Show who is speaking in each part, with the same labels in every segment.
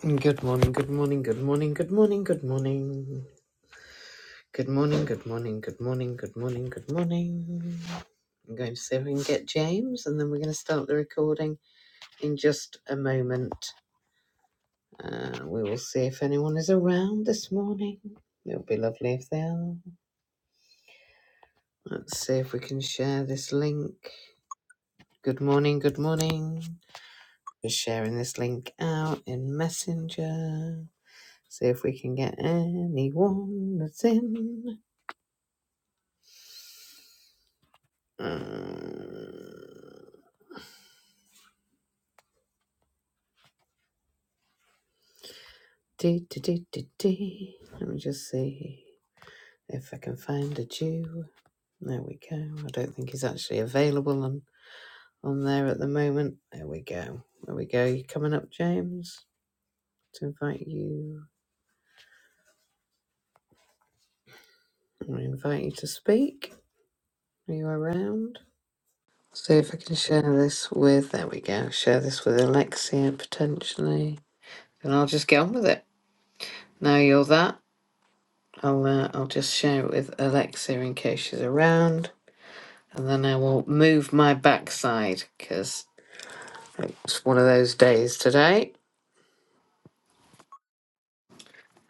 Speaker 1: Good morning, good morning, good morning, good morning, good morning. Good morning, good morning, good morning, good morning, good morning. I'm going to see if we can get James and then we're going to start the recording in just a moment. Uh, we will see if anyone is around this morning. It'll be lovely if they are. Let's see if we can share this link. Good morning, good morning. We're sharing this link out in Messenger. See if we can get anyone that's in. Uh, dee, dee, dee, dee, dee. Let me just see if I can find a Jew. There we go. I don't think he's actually available on, on there at the moment. There we go. There we go. You coming up, James? To invite you. I'm going to invite you to speak. Are you around? See if I can share this with. There we go. Share this with Alexia potentially, and I'll just get on with it. Now you're that. I'll uh, I'll just share it with Alexia in case she's around And then I will move my backside because it's one of those days today.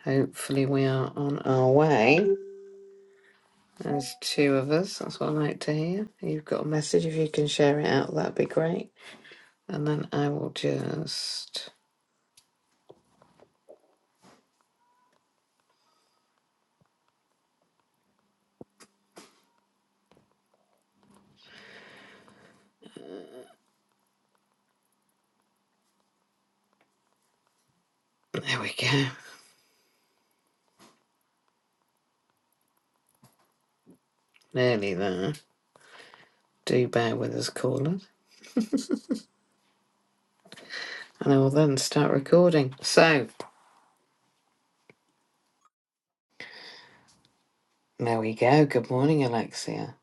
Speaker 1: Hopefully, we are on our way. There's two of us. That's what I like to hear. You've got a message. If you can share it out, that'd be great. And then I will just. There we go. Nearly there. Do bear with us, callers. And I will then start recording. So, there we go. Good morning, Alexia.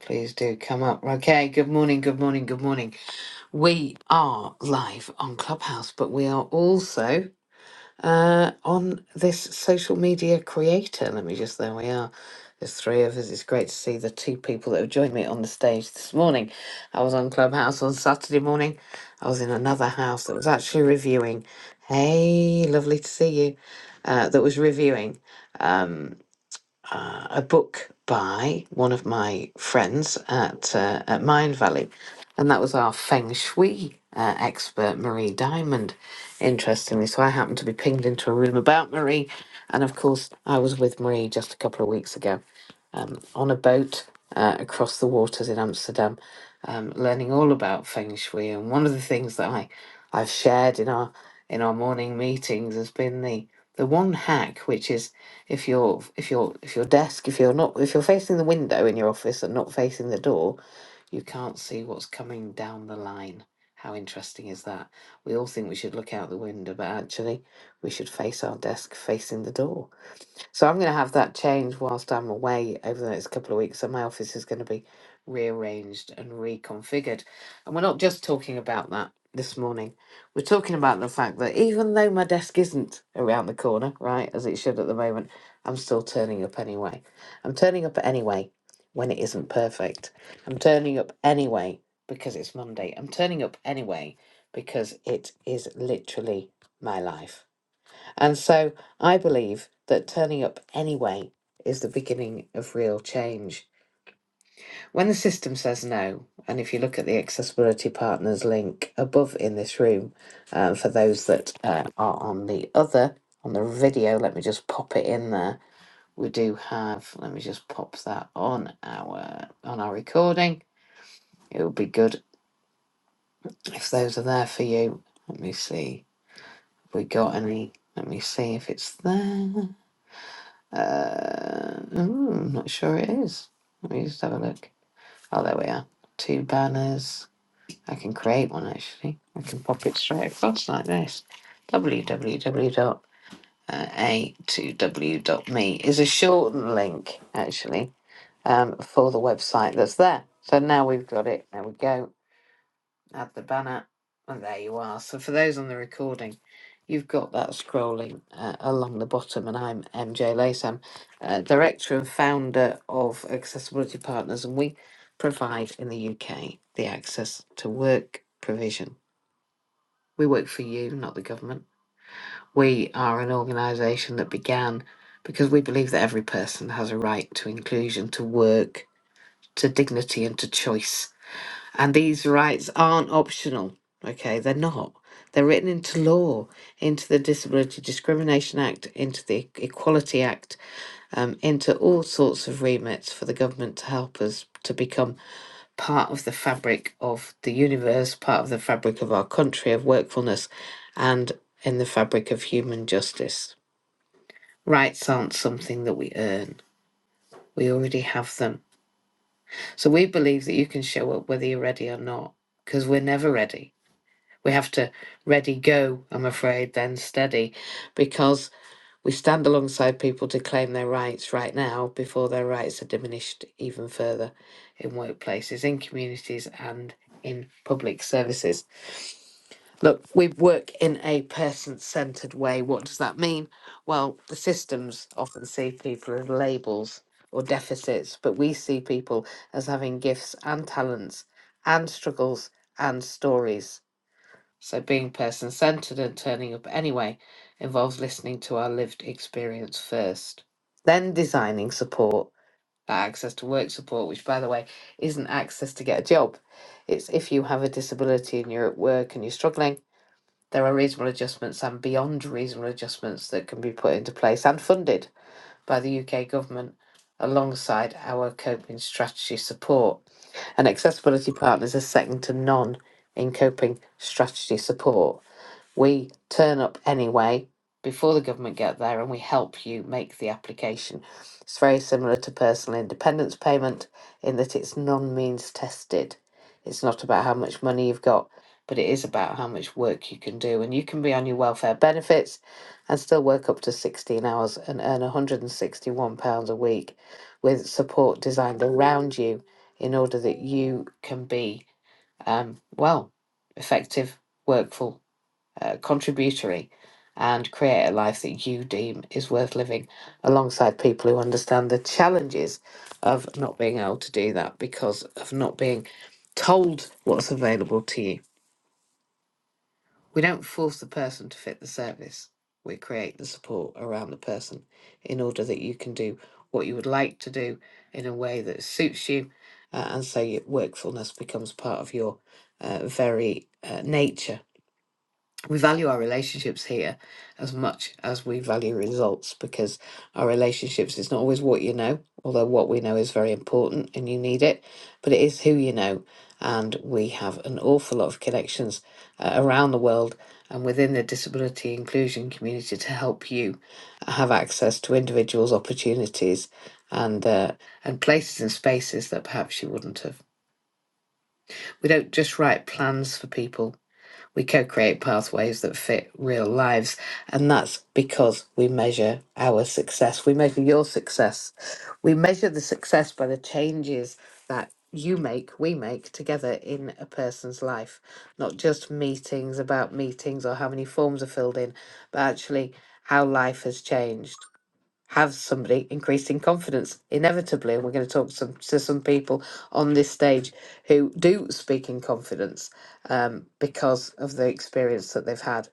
Speaker 1: Please do come up. Okay, good morning, good morning, good morning. We are live on Clubhouse, but we are also uh, on this social media creator. Let me just, there we are. There's three of us. It's great to see the two people that have joined me on the stage this morning. I was on Clubhouse on Saturday morning. I was in another house that was actually reviewing. Hey, lovely to see you. Uh, that was reviewing. um, uh, a book by one of my friends at uh, at Mind Valley, and that was our feng shui uh, expert Marie Diamond. Interestingly, so I happened to be pinged into a room about Marie, and of course I was with Marie just a couple of weeks ago um, on a boat uh, across the waters in Amsterdam, um, learning all about feng shui. And one of the things that I I've shared in our in our morning meetings has been the the one hack, which is if you're if you're if your desk, if you're not if you're facing the window in your office and not facing the door, you can't see what's coming down the line. How interesting is that? We all think we should look out the window, but actually we should face our desk facing the door. So I'm going to have that change whilst I'm away over the next couple of weeks. So my office is going to be rearranged and reconfigured. And we're not just talking about that this morning. We're talking about the fact that even though my desk isn't around the corner, right, as it should at the moment, I'm still turning up anyway. I'm turning up anyway when it isn't perfect. I'm turning up anyway because it's Monday. I'm turning up anyway because it is literally my life. And so I believe that turning up anyway is the beginning of real change. When the system says no, and if you look at the Accessibility Partners link above in this room, uh, for those that uh, are on the other, on the video, let me just pop it in there. We do have, let me just pop that on our on our recording. It would be good if those are there for you. Let me see. Have we got any? Let me see if it's there. Uh, mm, not sure it is. Let me just have a look. Oh, there we are. Two banners. I can create one actually. I can pop it straight across like this. w w w dot uh, a 2 w dot me is a shortened link actually um, for the website that's there. So now we've got it. There we go add the banner. And there you are. So for those on the recording, you've got that scrolling uh, along the bottom. And I'm MJ Lasam, uh, director and founder of Accessibility Partners, and we provide in the UK the access to work provision. We work for you, not the government. We are an organisation that began because we believe that every person has a right to inclusion, to work, to dignity, and to choice and these rights aren't optional, okay? They're not. They're written into law, into the Disability Discrimination Act, into the E-, Equality Act, um, into all sorts of remits for the government to help us to become part of the fabric of the universe, part of the fabric of our country, of workfulness, and in the fabric of human justice. Rights aren't something that we earn, we already have them. So we believe that you can show up whether you're ready or not, because we're never ready We have to ready go, I'm afraid, then steady, because we stand alongside people to claim their rights right now before their rights are diminished even further in workplaces, in communities, and in public services. Look, we work in a person centered way. What does that mean? Well, the systems often see people as labels or deficits, but we see people as having gifts and talents and struggles and stories. So, being person centered and turning up anyway involves listening to our lived experience first, then designing support, that access to work support, which, by the way, isn't access to get a job. It's if you have a disability and you're at work and you're struggling, there are reasonable adjustments and beyond reasonable adjustments that can be put into place and funded by the UK government alongside our coping strategy support. And accessibility partners are second to none in coping strategy support we turn up anyway before the government get there and we help you make the application. It's very similar to personal independence payment in that it's non-means tested. It's not about how much money you've got, but it is about how much work you can do. And you can be on your welfare benefits and still work up to 16 hours and earn £161 a week with support designed around you in order that you can be, um, well, effective, workful uh, contributory and create a life that you deem is worth living alongside people who understand the challenges of not being able to do that because of not being told what's available to you. We don't force the person to fit the service. We create the support around the person in order that you can do what you would like to do in a way that suits you. uh, and so your workfulness becomes part of your uh, very uh, nature we value our relationships here as much as we value results because our relationships is not always what you know, although what we know is very important and you need it, but it is who you know. And we have an awful lot of connections uh, around the world and within the disability inclusion community to help you have access to individuals' opportunities and uh, and places and spaces that perhaps you wouldn't have. We don't just write plans for people we co create pathways that fit real lives. And that's because we measure our success. We measure your success. We measure the success by the changes that you make, we make together in a person's life. Not just meetings about meetings or how many forms are filled in, but actually how life has changed have somebody increasing confidence inevitably and we're going to talk some, to some people on this stage who do speak in confidence um, because of the experience that they've had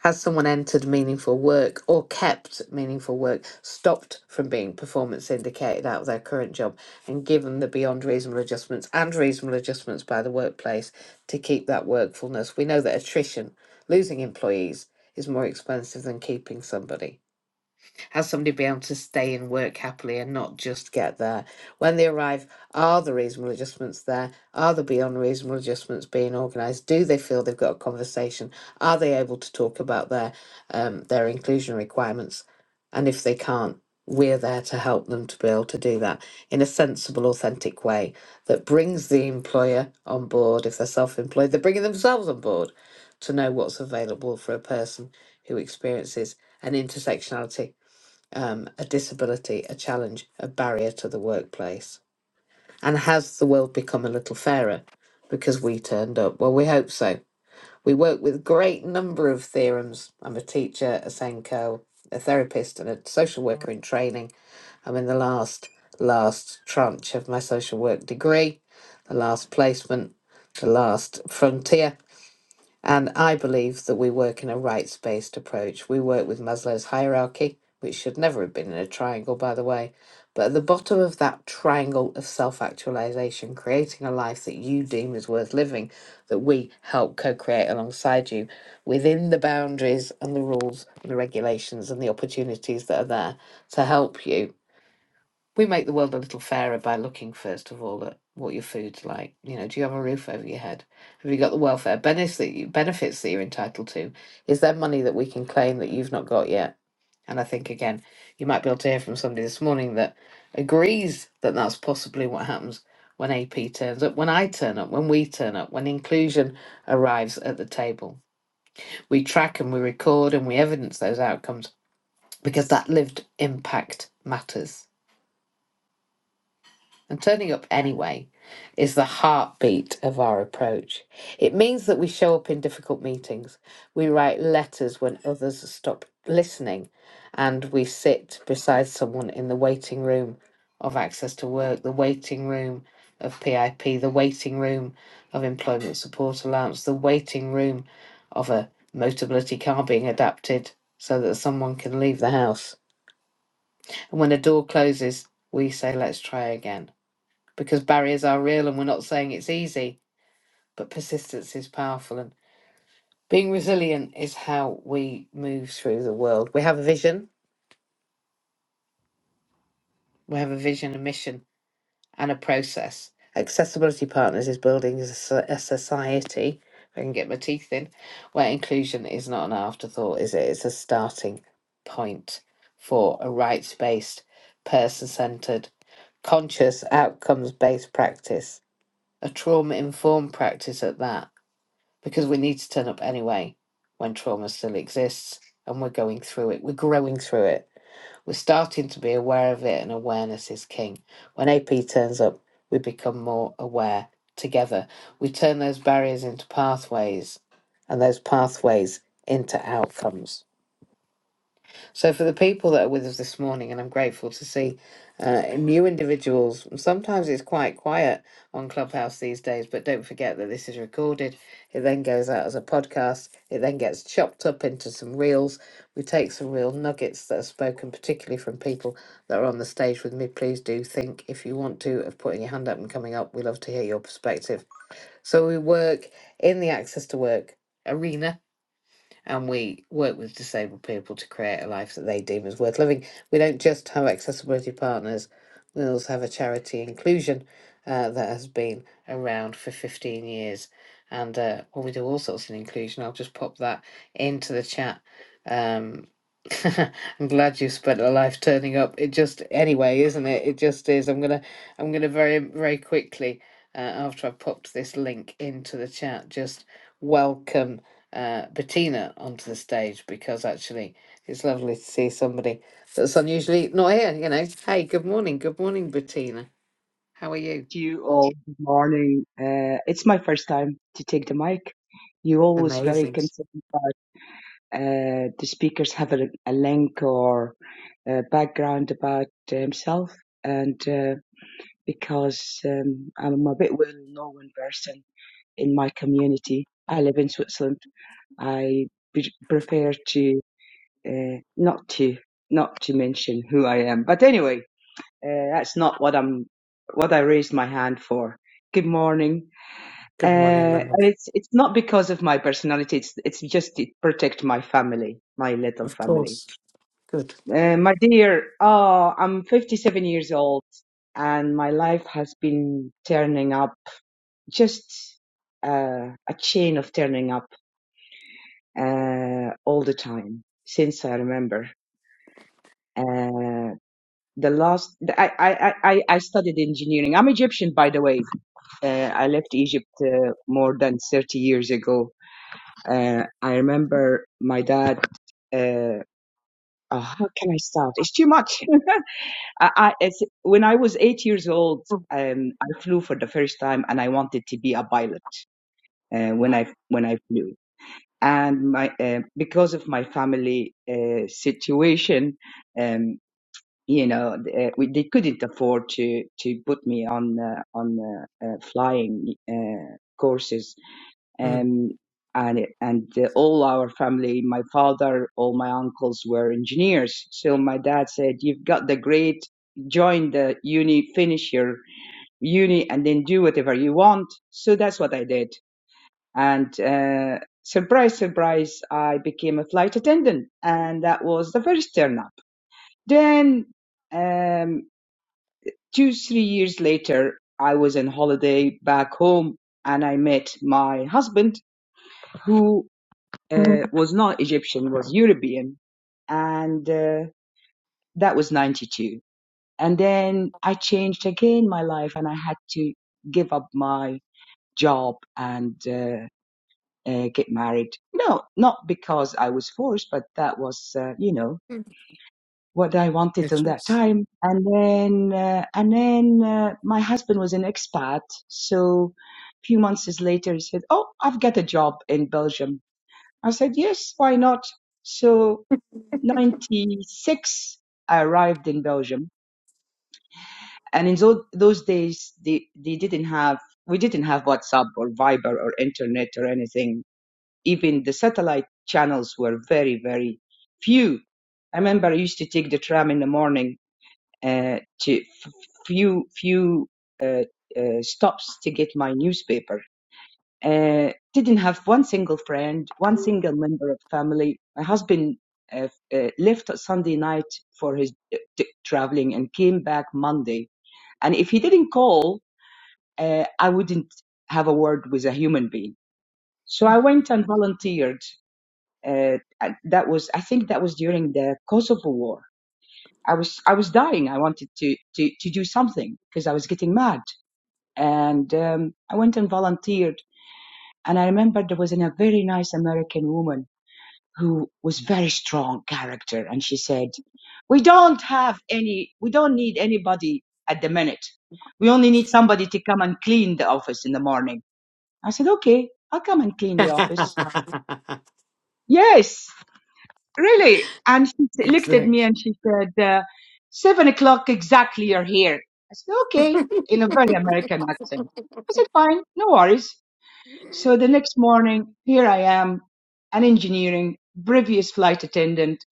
Speaker 1: has someone entered meaningful work or kept meaningful work stopped from being performance indicated out of their current job and given the beyond reasonable adjustments and reasonable adjustments by the workplace to keep that workfulness we know that attrition losing employees is more expensive than keeping somebody has somebody been able to stay and work happily and not just get there? When they arrive, are the reasonable adjustments there? Are the beyond reasonable adjustments being organised? Do they feel they've got a conversation? Are they able to talk about their um, their inclusion requirements? And if they can't, we're there to help them to be able to do that in a sensible, authentic way that brings the employer on board. If they're self employed, they're bringing themselves on board to know what's available for a person who experiences an intersectionality um, a disability, a challenge, a barrier to the workplace? And has the world become a little fairer because we turned up? Well, we hope so. We work with a great number of theorems. I'm a teacher, a Senko, a therapist, and a social worker in training. I'm in the last, last tranche of my social work degree, the last placement, the last frontier. And I believe that we work in a rights based approach. We work with Maslow's hierarchy, which should never have been in a triangle, by the way. But at the bottom of that triangle of self actualization, creating a life that you deem is worth living, that we help co create alongside you within the boundaries and the rules and the regulations and the opportunities that are there to help you we make the world a little fairer by looking first of all at what your food's like. You know, do you have a roof over your head? Have you got the welfare benefits that you, benefits that you're entitled to? Is there money that we can claim that you've not got yet? And I think again, you might be able to hear from somebody this morning that agrees that that's possibly what happens when AP turns up, when I turn up, when we turn up, when inclusion arrives at the table. We track and we record and we evidence those outcomes because that lived impact matters and turning up anyway is the heartbeat of our approach. It means that we show up in difficult meetings, we write letters when others stop listening, and we sit beside someone in the waiting room of access to work, the waiting room of PIP, the waiting room of employment support allowance, the waiting room of a motability car being adapted so that someone can leave the house. And when a door closes, we say, let's try again because barriers are real and we're not saying it's easy, but persistence is powerful. And being resilient is how we move through the world. We have a vision, we have a vision, a mission, and a process. Accessibility Partners is building a so- a society, if I can get my teeth in, where inclusion is not an afterthought, is it? It's a starting point for a rights based, person centered, conscious, outcomes based practice, a trauma informed practice at that because we need to turn up anyway when trauma still exists and we're going through it. We're growing through it. We're starting to be aware of it, and awareness is king. When AP turns up, we become more aware together. We turn those barriers into pathways and those pathways into outcomes. So, for the people that are with us this morning, and I'm grateful to see uh, new individuals, sometimes it's quite quiet on Clubhouse these days, but don't forget that this is recorded. It then goes out as a podcast, it then gets chopped up into some reels. We take some real nuggets that are spoken, particularly from people that are on the stage with me. Please do think, if you want to, of putting your hand up and coming up. We love to hear your perspective. So, we work in the Access to Work arena and we work with disabled people to create a life that they deem as worth living. We don't just have accessibility partners, we also have a charity inclusion uh, that has been around for 15 years. And uh, well, we do all sorts in inclusion. I'll just pop that into the chat. Um, I'm glad you spent a life turning up. It just anyway, isn't it? It just is. I'm gonna, I'm gonna very, very quickly uh, after i popped this link into the chat, just welcome uh, Bettina onto the stage because actually it's lovely to see somebody that's unusually not here. You know, hey, good morning, good morning, Bettina. How are you?
Speaker 2: to you all. Good morning. Uh, it's my first time to take the mic. you always very
Speaker 1: Amazing.
Speaker 2: concerned about uh, the speakers have a, a link or a background about himself, and uh, because um, I'm a bit well-known person in my community, I live in Switzerland. I pre- prefer to uh, not to not to mention who I am. But anyway, uh, that's not what I'm what I raised my hand for. Good morning.
Speaker 1: Good morning,
Speaker 2: Uh,
Speaker 1: Mel.
Speaker 2: and it's it's not because of my personality. It's it's just to protect my family, my little
Speaker 1: Of
Speaker 2: family.
Speaker 1: course. Good.
Speaker 2: Uh, my dear, oh, I'm 57 years old, and my life has been turning up just uh, a chain of turning up uh, all the time since I remember. Uh, the last, the- I, I, I, I studied engineering. I'm Egyptian, by the way. Uh, I left Egypt uh, more than 30 years ago Uh, I remember my dad. Uh, oh, how can I start? It's too much. I, I, it's, when I was eight years old, um, I flew for the first time, and I wanted to be a pilot. Uh, when
Speaker 1: Wow.
Speaker 2: I when I flew, and my uh, because of my family uh, situation, um, you know, uh, we, they couldn't afford to to put me on uh, on uh, uh, flying uh, courses
Speaker 1: Mm.
Speaker 2: um, and and the, all our family, my father, all my uncles were engineers. So my dad said, "You've got the great, join the uni, finish your uni, and then do whatever you want." So that's what I did, and. Uh, Surprise, surprise, I became a flight attendant and that was the first turn up. Then, um, two, three years later, I was on holiday back home and I met my husband who. uh, was not Egyptian, was European, and uh, that was 92. And then I changed again my life, and I had to give up my job and uh, uh, get married. No, not because I was forced, but that was, uh, you know,
Speaker 1: Mm.
Speaker 2: what I wanted
Speaker 1: It's
Speaker 2: in that
Speaker 1: just-
Speaker 2: time. And then, uh, and then uh, my husband was an expat, so a few months later he said, "Oh, I've got a job in Belgium." I said, "Yes, why not?" So 96, I arrived in Belgium. And in those, those days, they, they didn't have, we didn't have WhatsApp or Viber or internet or anything. Even the satellite channels were very, very few. I remember I used to take the tram in the morning uh, to f- few, few uh, uh, stops to get my newspaper uh, didn't have one single friend, one single member of family. My husband uh, uh, left Sunday night for his uh, traveling and came back Monday. And if he didn't call, uh, I wouldn't have a word with a human being. So I went and volunteered. Uh, that was, I think, that was during the Kosovo War. I was, I was dying. I wanted to to to do something because I was getting mad, and um, I went and volunteered And I remember there was a very nice American woman who was very strong character. And she said, we don't have any, we don't need anybody at the minute. We only need somebody to come and clean the office in the morning. I said, okay, I'll come and clean the office. Yes, really. And she looked at me
Speaker 1: exactly.
Speaker 2: and she said, uh, seven o'clock exactly you're here. I said, okay, in a very American accent. I said, fine, no worries. So the next morning, here I am, an engineering, previous flight attendant.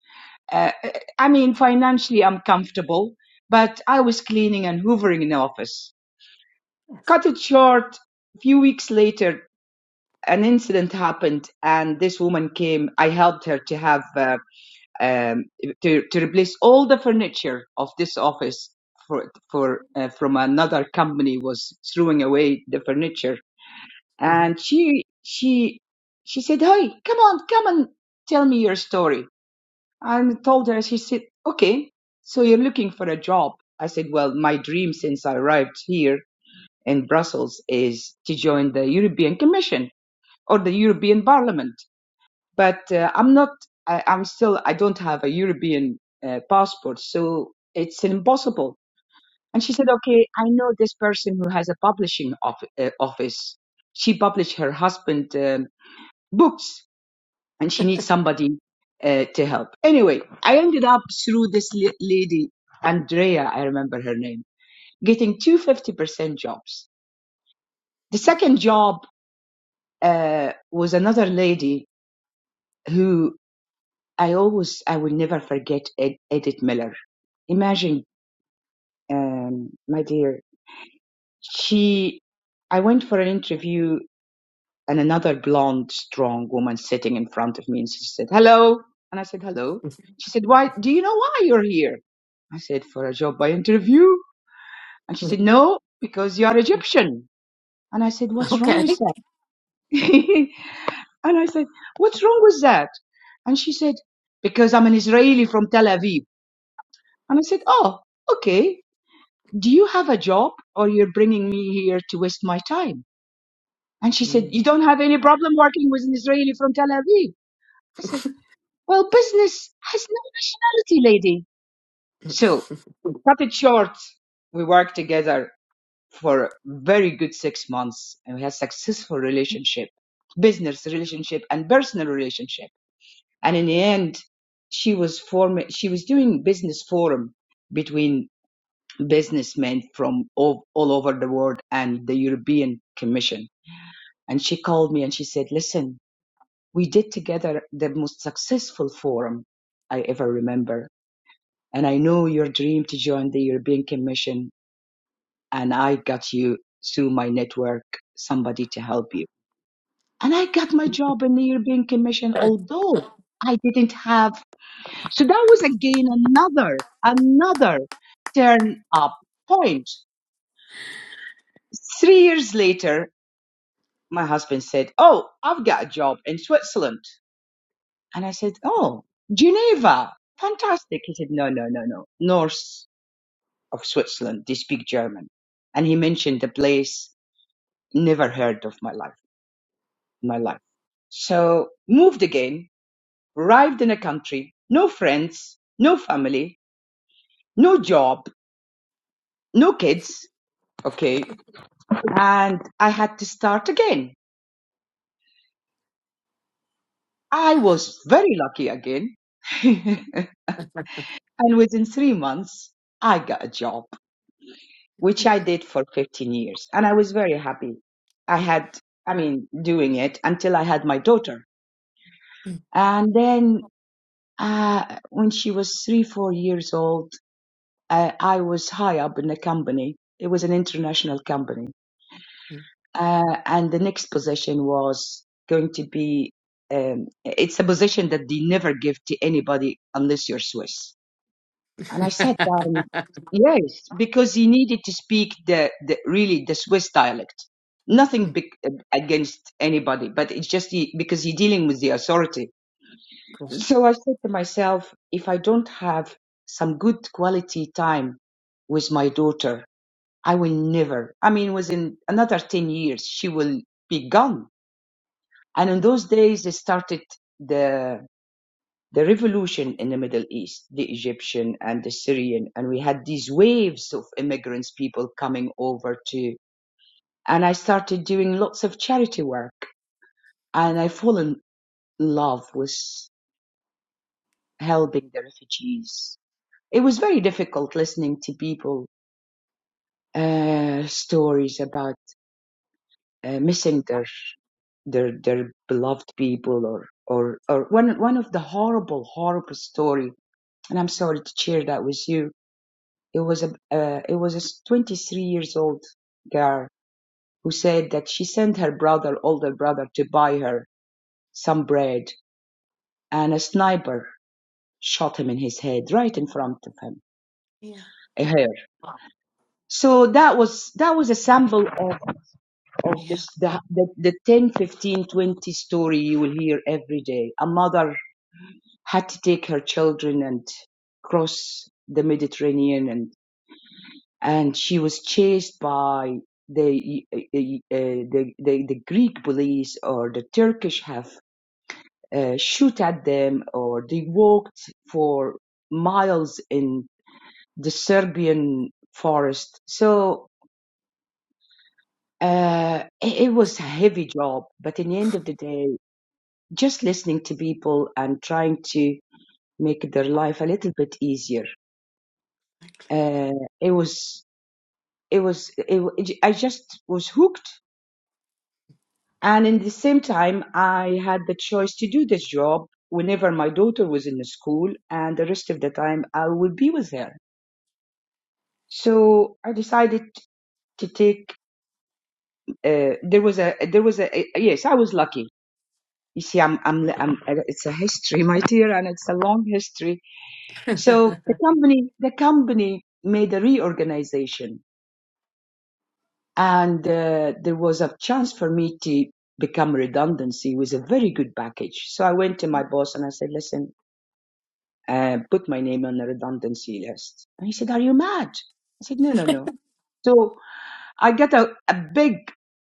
Speaker 2: Uh, I mean, financially, I'm comfortable, but I was cleaning and hoovering in the office. Cut it short. A few weeks later, an incident happened, and this woman came. I helped her to have uh, um, to to replace all the furniture of this office for for uh, from another company was throwing away the furniture and
Speaker 1: Yes.
Speaker 2: she she she said hey come on come and tell me your story and told her she said okay so you're looking for a job i said well my dream since i arrived here in brussels is to join the european commission or the european parliament but uh, i'm not I, i'm still i don't have a european uh, passport so it's impossible and she said okay i know this person who has a publishing of, uh, office she published her husband Um, books and she needs somebody uh, to help. Anyway, I ended up through this la- lady, Andrea, I remember her name, getting two fifty percent jobs. The second job uh, was another lady who I always, I will never forget Ed, Edith Miller. Imagine, um, my dear, she, I went for an interview and another blonde, strong woman sitting in front of me. And she said, Hello. And I said, Hello. She said, Why? Do you know why you're here? I said, For a job by interview. And she said, No, because you are Egyptian. And I said, What's wrong with
Speaker 1: okay.
Speaker 2: that? and I said, What's wrong with that? And she said, Because I'm an Israeli from Tel Aviv. And I said, Oh, okay. Do you have a job or you're bringing me here to waste my time? And she said,
Speaker 1: Mm.
Speaker 2: You don't have any problem working with an Israeli from Tel Aviv? I said, Well, business has no nationality, lady. So, cut it short. We worked together for a very good six months and we had successful relationship, business relationship and personal relationship. And in the end, she was forming, she was doing business forum between businessmen from all, all over the world and the European Commission. And she called me and she said, listen, we did together the most successful forum I ever remember And I know your dream to join the European Commission, and I got you through my network, somebody to help you. And I got my job in the European Commission, although I didn't have. So that was again another, another turn up point. Three years later, my husband said, Oh, I've got a job in Switzerland. And I said, Oh, Geneva. Fantastic. He said, No, no, no, no. North. of Switzerland. They speak German. And he mentioned the place, never heard of my life, my life. So moved again, arrived in a country, no friends, no family, no job, no kids. Okay. And I had to start again. I was very lucky again. and within three months, I got a job, which I did for 15 years. And I was very happy. I had, I mean, doing it until I had my daughter And then uh, when she was three, four years old, uh, I was high up in the company. It was an international company.
Speaker 1: Mhm.
Speaker 2: Uh, and the next position was going to be um, it's a position that they never give to anybody unless you're Swiss. And I said, um, yes, because he needed to speak the, the really the Swiss dialect. Nothing
Speaker 1: Mm,
Speaker 2: big, uh, against anybody, but it's just he, because you're dealing with the authority
Speaker 1: cool.
Speaker 2: So I said to myself, if I don't have some good quality time with my daughter, I will never. I mean, within another 10 years, she will be gone. And in those days, they started the, the revolution in the Middle East, the Egyptian and the Syrian. And we had these waves of immigrants, people coming over to, and I started doing lots of charity work and I fall in love with helping the refugees It was very difficult listening to people uh, stories about uh, missing their their their beloved people or or or one one of the horrible horrible story and I'm sorry to share that with you it was a uh, it was a 23 years old girl who said that she sent her brother older brother to buy her some bread and a sniper shot him in his head right in front of him
Speaker 1: Yeah,
Speaker 2: her so that was that was a sample of of
Speaker 1: yeah.
Speaker 2: just the, the, the 10, fifteen, twenty story you will hear every day. A mother had to take her children and cross the Mediterranean and, and she was chased by the, uh, uh, the, the, the Greek police or the Turkish have uh, shoot at them or they walked for miles in the Serbian forest. So, uh, it, it was a heavy job, but in the end of the day, just listening to people and trying to make their life a little bit easier. Uh, it was, it was, it, wa- I just was hooked. And in the same time, I had the choice to do this job whenever my daughter was in the school, and the rest of the time I would be with her. So I decided to take. Uh, there was a, there was a. Yes, I was lucky. You see, I'm, I'm, I'm. It's a history, my dear, and it's a long history So the company, the company made a reorganization, and uh, there was a transfer me to become redundancy with a very good package. So I went to my boss and I said, "Listen, uh, put my name on the redundancy list." And he said, "Are you mad?" I said, "No, no, no." So I got a, a big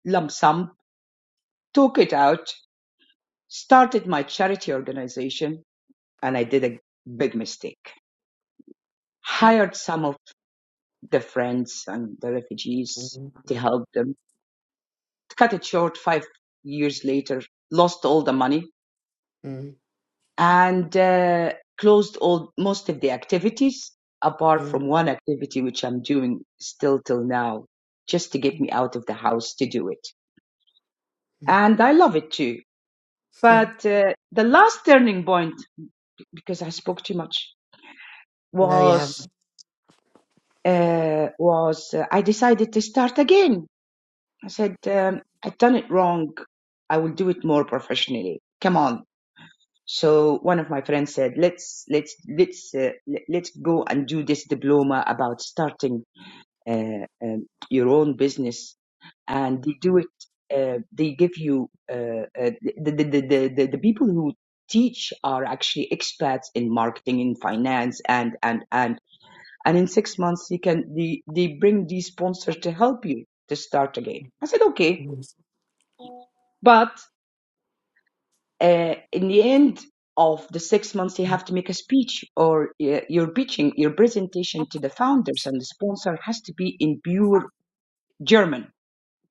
Speaker 2: lump sum, took it out, started my charity organization, and I did a big mistake.
Speaker 1: Mm,
Speaker 2: Hired some of the friends and the refugees
Speaker 1: mm,
Speaker 2: to help them to cut it short, five years later, lost all the money
Speaker 1: mm,
Speaker 2: and uh, closed all most of the activities apart
Speaker 1: mm, mm,
Speaker 2: from one activity which I'm doing still till now, just to get me out of the house to do it.
Speaker 1: mm,
Speaker 2: And I love it too.
Speaker 1: mm.
Speaker 2: But uh, the last turning point, because I spoke too much,
Speaker 1: No, you have.
Speaker 2: was uh, was uh, I decided to start again. I said um, I've done it wrong. I will do it more professionally. Come on, So one of my friends said, "Let's let's let's uh, le- let's go and do this diploma about starting uh, um, your own business." And they do it. Uh, they give you uh, uh, the, the, the the the the people who teach are actually expats in marketing, in finance, and and and and in six months you can they they bring these sponsors to help you to start again. I said, "Okay,"
Speaker 1: Mm,
Speaker 2: but uh, in the end of the six months, you have to make a speech or uh, your pitching, your presentation to the founders and the sponsor has to be in pure German.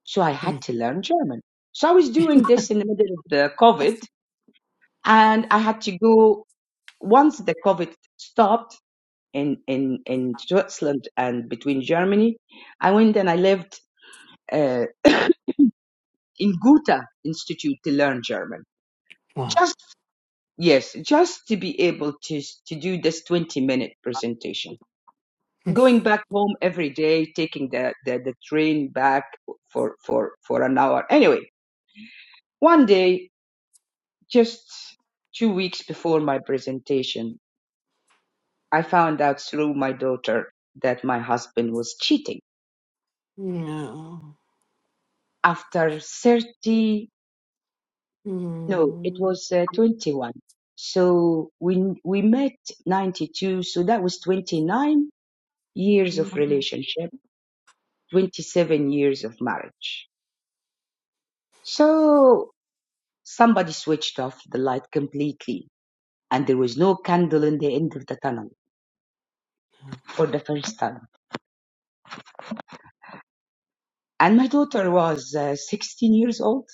Speaker 2: So I had
Speaker 1: mm,
Speaker 2: to learn German. So I was doing this in the middle of the COVID and I had to go once the COVID stopped in, in, in Switzerland and between Germany, I went and I lived uh, in Goethe Institute to learn German
Speaker 1: Wow.
Speaker 2: just. Yes, just to be able to to do this 20 minute presentation.
Speaker 1: Mm.
Speaker 2: Going back home every day, taking the, the, the train back for, for, for an hour. Anyway, one day, just two weeks before my presentation, I found out through my daughter that my husband was cheating.
Speaker 1: No.
Speaker 2: After 30, no, it
Speaker 1: Mm,
Speaker 2: was uh, 21. So we, we met 92, so that was 29 years
Speaker 1: mm,
Speaker 2: of relationship 27 years of marriage. So somebody switched off the light completely and there was no candle in the end of the tunnel
Speaker 1: no.
Speaker 2: for the first time. And my daughter was uh, 16 years old.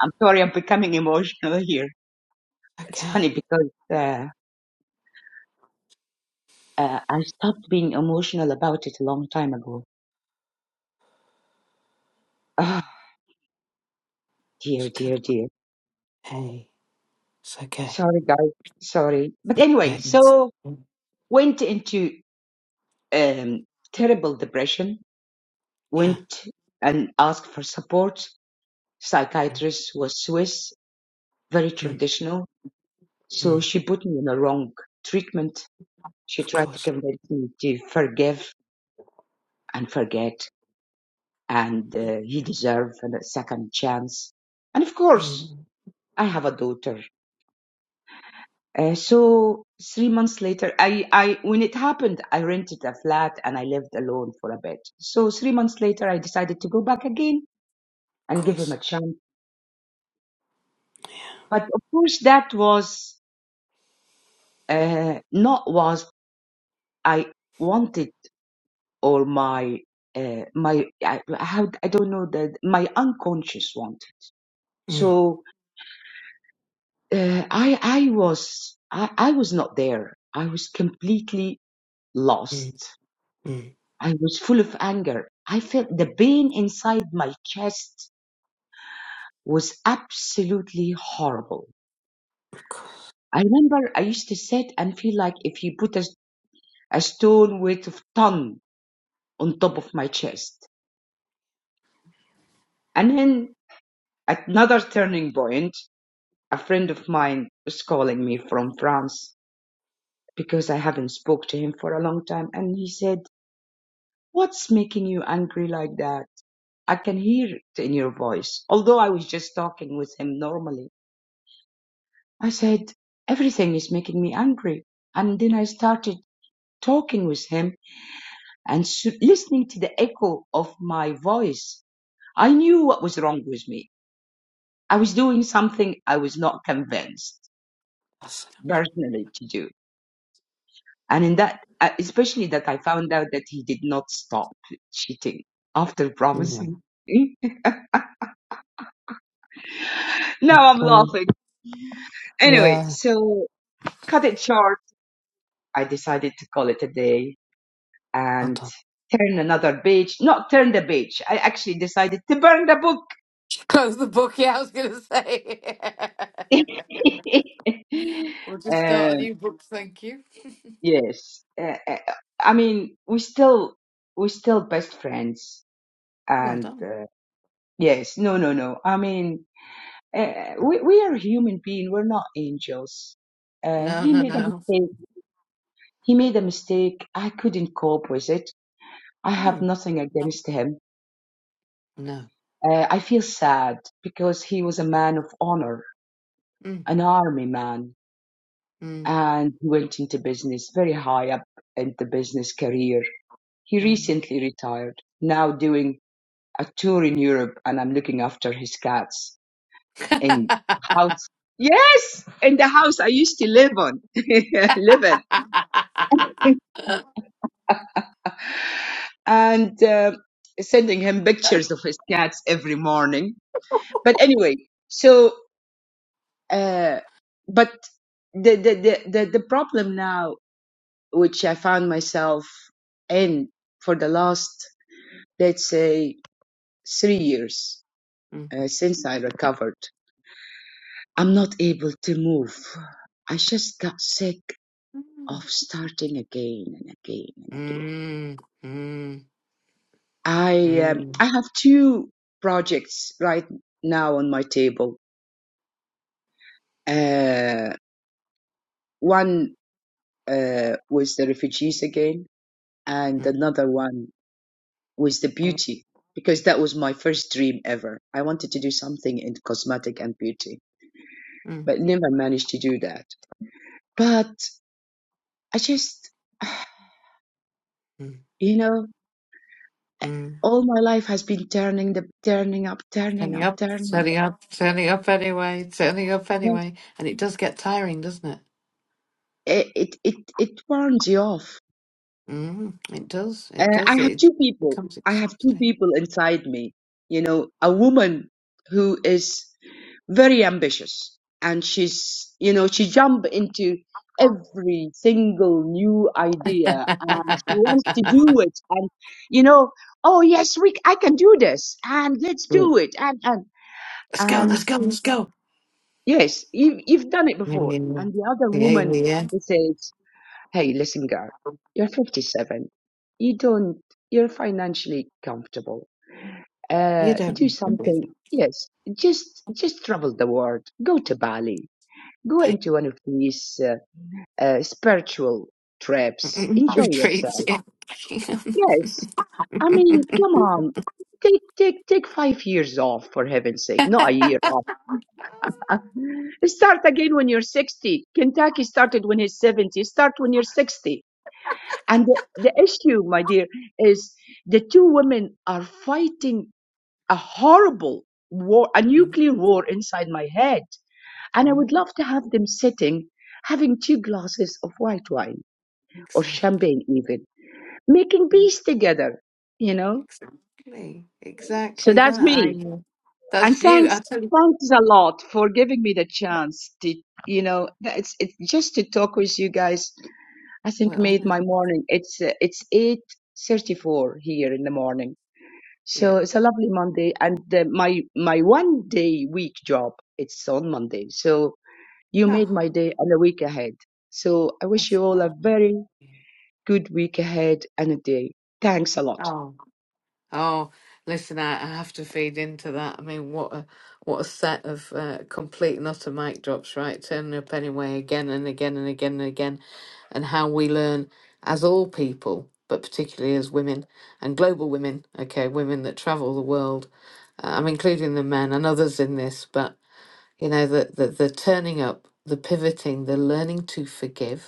Speaker 2: I'm sorry, I'm becoming emotional here. It's
Speaker 1: Okay,
Speaker 2: funny because uh, uh, I stopped being emotional about it a long time ago. Ah, dear,
Speaker 1: it's good.
Speaker 2: dear, dear.
Speaker 1: Hey, it's okay.
Speaker 2: Sorry, guys. Sorry. But anyway,
Speaker 1: Thanks.
Speaker 2: so
Speaker 1: Mm,
Speaker 2: went into um, terrible depression
Speaker 1: Yeah.
Speaker 2: went and asked for support.
Speaker 1: yeah.
Speaker 2: Psychiatrist was Swiss, very
Speaker 1: Mm,
Speaker 2: traditional, so
Speaker 1: mm.
Speaker 2: she put me in a wrong treatment. She
Speaker 1: Of
Speaker 2: tried to
Speaker 1: course.
Speaker 2: convince me to forgive and forget, and uh, you deserve a second chance. And of course,
Speaker 1: Mm, Of
Speaker 2: I have a daughter. Uh, so three months later, I, I when it happened, I rented a flat and I lived alone for a bit. So three months later, I decided to go back again and give him a
Speaker 1: course.
Speaker 2: chance.
Speaker 1: Yeah.
Speaker 2: But of course, that was uh, not was I wanted or my uh, my I, how I don't know that my unconscious want.
Speaker 1: Mm,
Speaker 2: So uh, I I was I, I was not there. I was completely
Speaker 1: mm,
Speaker 2: lost.
Speaker 1: mm.
Speaker 2: I was full of anger. I felt the pain inside my chest was absolutely horrible.
Speaker 1: Of course.
Speaker 2: I remember I used to sit and feel like if you put a, a stone weight of ton on top of my chest. And then At Another turning point, a friend of mine was calling me from France because I haven't spoke to him for a long time and he said, what's making you angry like that? I can hear it in your voice. Although I was just talking with him normally, I said, everything is making me angry. And then I started talking with him and listening to the echo of my voice. I knew what was wrong with me. I was doing something I was not convinced
Speaker 1: That's
Speaker 2: personally to do And in that, uh, especially that I found out that he did not stop cheating after
Speaker 1: it. Mm.
Speaker 2: promising. now I'm
Speaker 1: Um,
Speaker 2: laughing. Anyway,
Speaker 1: yeah.
Speaker 2: so cut it short. I decided to call it a day
Speaker 1: Well
Speaker 2: and
Speaker 1: done.
Speaker 2: turn another page. Not turn the page. I actually decided to burn the book.
Speaker 1: Close the book. Yeah, I was going to say. we'll just start a
Speaker 2: um,
Speaker 1: new book. Thank you.
Speaker 2: yes. Uh, uh, I mean, we still, we're still best friends.
Speaker 1: well
Speaker 2: And
Speaker 1: done.
Speaker 2: uh, yes, no, no, no. I mean, Uh, we, we are human beings, we're not angels. Uh,
Speaker 1: No,
Speaker 2: he
Speaker 1: no,
Speaker 2: made a
Speaker 1: no.
Speaker 2: mistake. He made a mistake. I couldn't cope with it. I have
Speaker 1: No,
Speaker 2: nothing against him.
Speaker 1: no.
Speaker 2: Uh, I feel sad because he was a man of honor,
Speaker 1: Mm,
Speaker 2: an army man,
Speaker 1: mm,
Speaker 2: and he went into business very high up in the business career. He recently retired, now doing a tour in Europe, and I'm looking after his cats in house. Yes, in the house I used to live on, live in. and uh, sending him
Speaker 1: mm.
Speaker 2: pictures of his cats every morning. But anyway, so uh, but the, the the the the problem now, which I found myself in for the last let's say three years
Speaker 1: Mm.
Speaker 2: uh, since I recovered, I'm not able to move. I just got sick of
Speaker 1: Mm.
Speaker 2: starting again and again and again.
Speaker 1: Mm. Mm.
Speaker 2: I um,
Speaker 1: Mm.
Speaker 2: I have two projects right now on my table Uh, one uh, was the refugees again, and another one was the beauty, because that was my first dream ever. I wanted to do something in cosmetic and beauty,
Speaker 1: Mm.
Speaker 2: but never managed to do that. But I just,
Speaker 1: Mm.
Speaker 2: you know,
Speaker 1: Mm.
Speaker 2: all my life has been turning the turning up, turning
Speaker 1: Setting
Speaker 2: up,
Speaker 1: up,
Speaker 2: turning.
Speaker 1: setting up, setting up anyway, setting up
Speaker 2: Yes.
Speaker 1: anyway. And it does get tiring, doesn't it?
Speaker 2: It it it, it turns you off.
Speaker 1: Mm, it does,
Speaker 2: Uh,
Speaker 1: it does.
Speaker 2: I have
Speaker 1: It
Speaker 2: two people.
Speaker 1: becomes
Speaker 2: I have two
Speaker 1: exhausting.
Speaker 2: people inside me. You know, a woman who is. very ambitious and she's you know she jump into every single new idea and she wants to do it and you know oh yes we i can do this and let's do it and and
Speaker 1: let's go, let's
Speaker 2: and
Speaker 1: go, let's go.
Speaker 2: yes you, you've done it
Speaker 1: Yeah,
Speaker 2: before
Speaker 1: yeah,
Speaker 2: and the other
Speaker 1: yeah. yeah,
Speaker 2: woman
Speaker 1: yeah.
Speaker 2: who says hey listen girl you're 57 you don't you're financially comfortable
Speaker 1: You
Speaker 2: uh
Speaker 1: don't.
Speaker 2: do
Speaker 1: need to do
Speaker 2: something yes just just travel the world go to bali Go
Speaker 1: that.
Speaker 2: into one of these uh, uh, spiritual trips. Enjoy
Speaker 1: retreats.
Speaker 2: yourself.
Speaker 1: Yeah.
Speaker 2: Yes. I mean, come on. Take, take, take five years off, for heaven's sake. Not a year off. Start again when you're 60. Kentucky started when he's 70. Start when you're 60. And the, the issue, my dear, is the two women are fighting a horrible war, a nuclear war inside my head. And I would
Speaker 1: Mhm.
Speaker 2: love to have them sitting, having two glasses of white wine or
Speaker 1: exactly.
Speaker 2: champagne even, making peace together, you know?
Speaker 1: Exactly.
Speaker 2: So
Speaker 1: Exactly
Speaker 2: that's
Speaker 1: that. I
Speaker 2: me.
Speaker 1: know.
Speaker 2: And
Speaker 1: That's you.
Speaker 2: thanks,
Speaker 1: I tell you.
Speaker 2: thanks a lot for giving me the chance to, you know, that it's, it's just to talk with you guys. I think
Speaker 1: Well,
Speaker 2: made
Speaker 1: I know.
Speaker 2: my morning. It's, uh, it's 8.34 here in the morning.
Speaker 1: yeah.
Speaker 2: So it's a lovely Monday and uh, my, my one day week job, it's on Monday. So you
Speaker 1: Oh,
Speaker 2: made my day and a week ahead. So I wish
Speaker 1: that's
Speaker 2: you all
Speaker 1: what.
Speaker 2: a
Speaker 1: I want.
Speaker 2: very Good week ahead and a day. Thanks a lot.
Speaker 1: Oh. Oh, listen, I, I have to feed into that. I mean, what a what a set of uh, complete and utter mic drops, right? Turning up anyway, again and again and again and again, and how we learn as all people, but particularly as women and global women. Okay, women that travel the world. uh, I'm including the men and others in this, but you know, the the, the turning up, the pivoting, the learning to forgive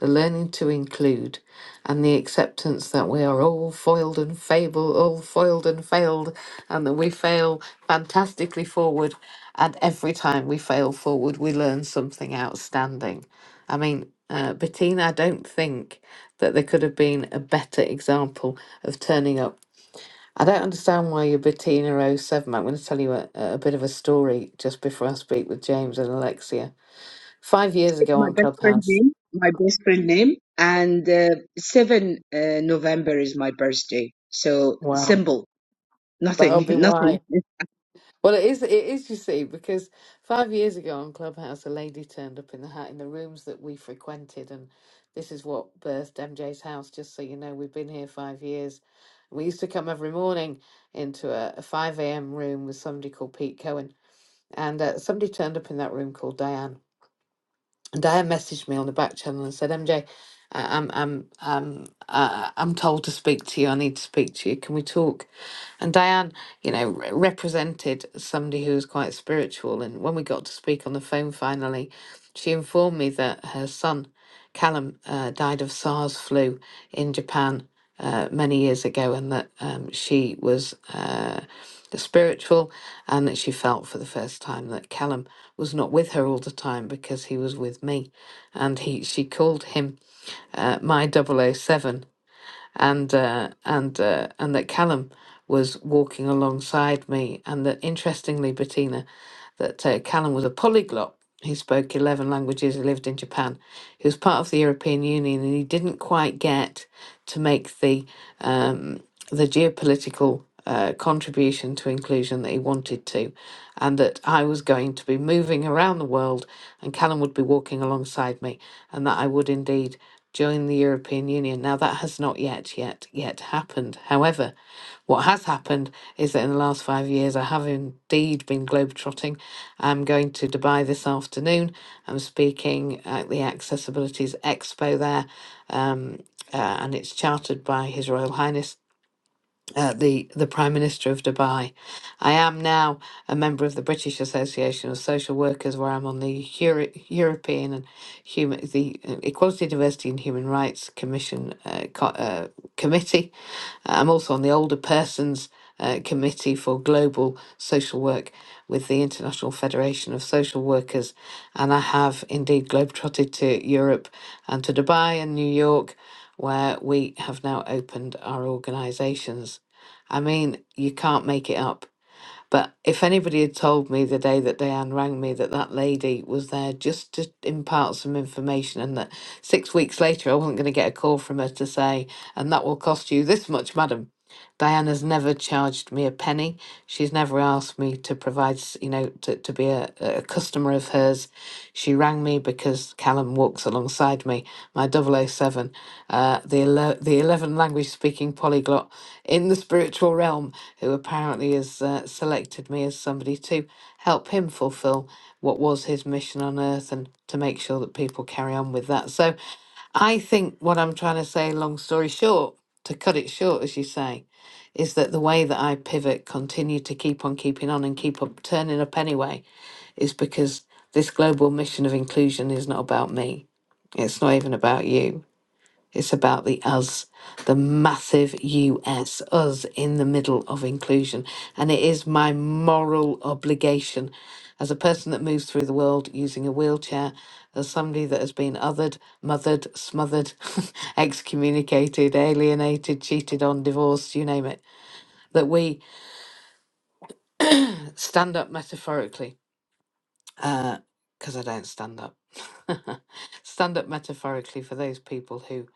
Speaker 1: the learning to include, and the acceptance that we are all foiled and fable, all foiled and failed, and that we fail fantastically forward. And every time we fail forward, we learn something outstanding. I mean, uh, Bettina, I don't think that there could have been a better example of turning up. I don't understand why you're Bettina oh 07. I'm going to tell you a, a bit of a story just before I speak with James and Alexia. Five years
Speaker 2: It's
Speaker 1: ago
Speaker 2: my
Speaker 1: on
Speaker 2: best friend
Speaker 1: Clubhouse.
Speaker 2: name. My best friend name. And uh, 7 uh, November is my birthday. So
Speaker 1: Wow.
Speaker 2: symbol.
Speaker 1: That'll
Speaker 2: Nothing.
Speaker 1: be
Speaker 2: Nothing.
Speaker 1: why. Well, it is. It is. You see, because five years ago on Clubhouse, a lady turned up in the hat in the rooms that we frequented, and this is what birthed MJ's house. Just so you know, we've been here five years. We used to come every morning into a, a five a.m. room with somebody called Pete Cohen, and uh, somebody turned up in that room called Diane. And Diane messaged me on the back channel and said, "MJ, I- am I'm I'm uh, I'm told to speak to you. I need to speak to you. Can we talk?" And Diane you know, re- represented somebody who was quite spiritual. And when we got to speak on the phone finally, she informed me that her son, Callum, uh, died of SARS flu in Japan uh, many years ago, and that um, she was uh, spiritual and that she felt for the first time that Callum was not with her all the time because he was with me. And he she called him uh, my double oh 007 and uh, and uh, and that Callum was walking alongside me, and that interestingly, Bettina, that uh, Callum was a polyglot. He spoke eleven languages. He lived in Japan. He was part of the European Union, and he didn't quite get to make the um, the geopolitical. Uh, contribution to inclusion that he wanted to, and that I was going to be moving around the world, and Callum would be walking alongside me, and that I would indeed join the European Union. Now, that has not yet, yet, yet happened. However, what has happened is that in the last five years, I have indeed been globetrotting. I'm going to Dubai this afternoon. I'm speaking at the Accessibilities Expo there, um, uh, and it's chartered by His Royal Highness uh, the the Prime Minister of Dubai. I am now a member of the British Association of Social Workers, where I'm on the Euro- European and Human the uh, Equality, Diversity, and Human Rights Commission uh, co- uh, committee I'm also on the Older Persons uh, Committee for Global Social Work with the International Federation of Social Workers, and I have indeed globetrotted to Europe and to Dubai and New York, where we have now opened our organisations. I mean, you can't make it up. But if anybody had told me the day that Diane rang me that that lady was there just to impart some information and that six weeks later I wasn't going to get a call from her to say, and that will cost you this much, madam, Diana's never charged me a penny. She's never asked me to provide, s- you know, to, to be a, a customer of hers. She rang me because Callum walks alongside me, my double O seven, uh, the, ele- the 11 language speaking polyglot in the spiritual realm, who apparently has uh, selected me as somebody to help him fulfill what was his mission on earth and to make sure that people carry on with that. So, I think what I'm trying to say, long story short, to cut it short, as you say, is that the way that I pivot, continue to keep on keeping on and keep up turning up anyway, is because this global mission of inclusion is not about me. It's not even about you. It's about the us, the massive US, us in the middle of inclusion. And it is my moral obligation as a person that moves through the world using a wheelchair, as somebody that has been othered, mothered, smothered, excommunicated, alienated, cheated on, divorced, you name it, that we stand up metaphorically, because I don't stand up, stand up metaphorically for those people who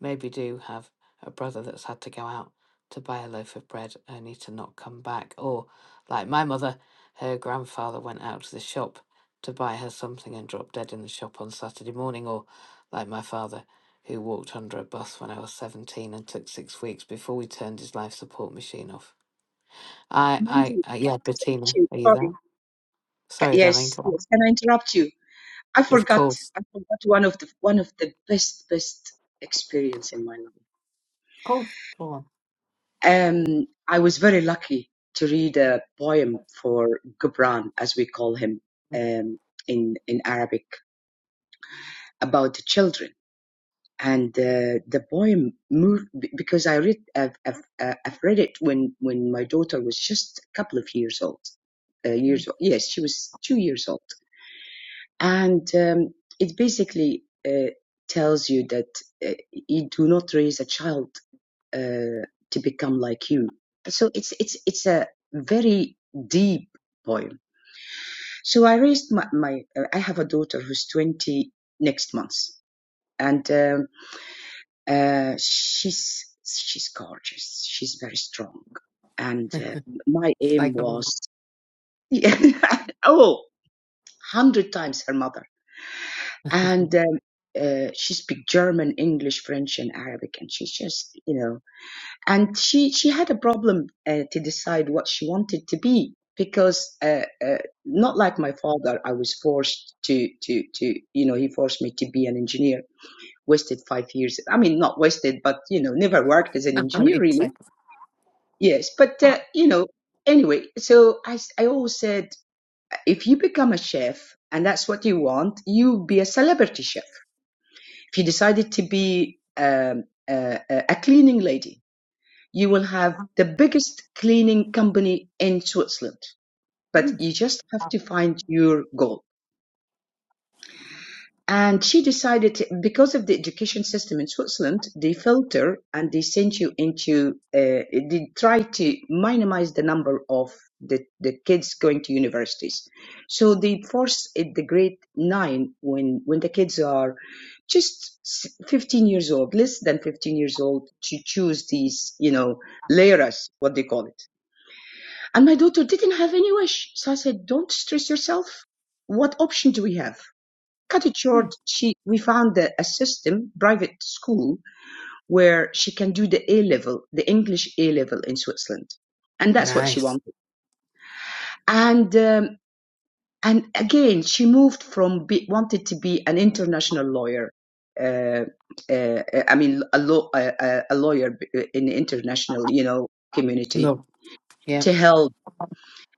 Speaker 1: maybe do have a brother that's had to go out to buy a loaf of bread only to not come back. Or, like my mother, her grandfather went out to the shop to buy her something and dropped dead in the shop on Saturday morning. Or, like my father, who walked under a bus when I was 17 and took six weeks before we turned his life support machine off. I,
Speaker 2: Mandy,
Speaker 1: I, I
Speaker 2: can
Speaker 1: yeah,
Speaker 2: I interrupt
Speaker 1: Bettina,
Speaker 2: you?
Speaker 1: are you
Speaker 2: Sorry.
Speaker 1: there?
Speaker 2: Ca-
Speaker 1: Sorry, darling,
Speaker 2: Yes.
Speaker 1: go
Speaker 2: Yes.
Speaker 1: on.
Speaker 2: Can I interrupt you? I
Speaker 1: Of
Speaker 2: forgot
Speaker 1: course.
Speaker 2: I forgot one of the one of the best best experience in my life.
Speaker 1: Oh, go on.
Speaker 2: Um, I was very lucky to read a poem for Gibran, as we call him um, in in Arabic, about the children. And uh, the poem moved be- because I read I've, I've, uh, I've read it when when my daughter was just a couple of years old, uh,
Speaker 1: Mm.
Speaker 2: years old. Yes, she was two years old and um, it basically uh, tells you that uh, you do not raise a child uh, to become like you. So it's it's it's a very deep poem. So I raised my, my uh, I have a daughter who's twenty next month, and um, uh, she's she's gorgeous. She's very strong, and uh, my aim
Speaker 1: Like a woman.
Speaker 2: was oh hundred times her mother and um, uh, she speaks German, English, French, and Arabic, and she's just you know, and she she had a problem uh, to decide what she wanted to be because uh, uh, not like my father, I was forced to to to you know he forced me to be an engineer. Wasted five years. I mean, not wasted, but you know, never worked as an
Speaker 1: Oh,
Speaker 2: engineer
Speaker 1: it's
Speaker 2: really.
Speaker 1: like,
Speaker 2: Yes, but uh, you know, anyway. So I s- I always said if you become a chef and that's what you want, you be a celebrity chef if you decided to be um, a, a a cleaning lady, you will have the biggest cleaning company in Switzerland. But
Speaker 1: mm,
Speaker 2: you just have to find your goal. And she decided, to, because of the education system in Switzerland, they filter and they send you into, uh, they try to minimize the number of the, the kids going to universities. So they force at the grade nine when, when the kids are just s- 15 years old, less than 15 years old, to choose these, you know, layers, what they call it. And my daughter didn't have any wish. So I said, don't stress yourself. What option do we have? Cut it short,
Speaker 1: mm.
Speaker 2: she we found a, a system, private school, where she can do the A level, the English A level in Switzerland, and that's what she
Speaker 1: Nice.
Speaker 2: wanted. And um, and again, she moved from be, wanted to be an international lawyer. Uh, uh, I mean, a, law, a, a lawyer in the international, you know, community
Speaker 1: Look, yeah.
Speaker 2: to help.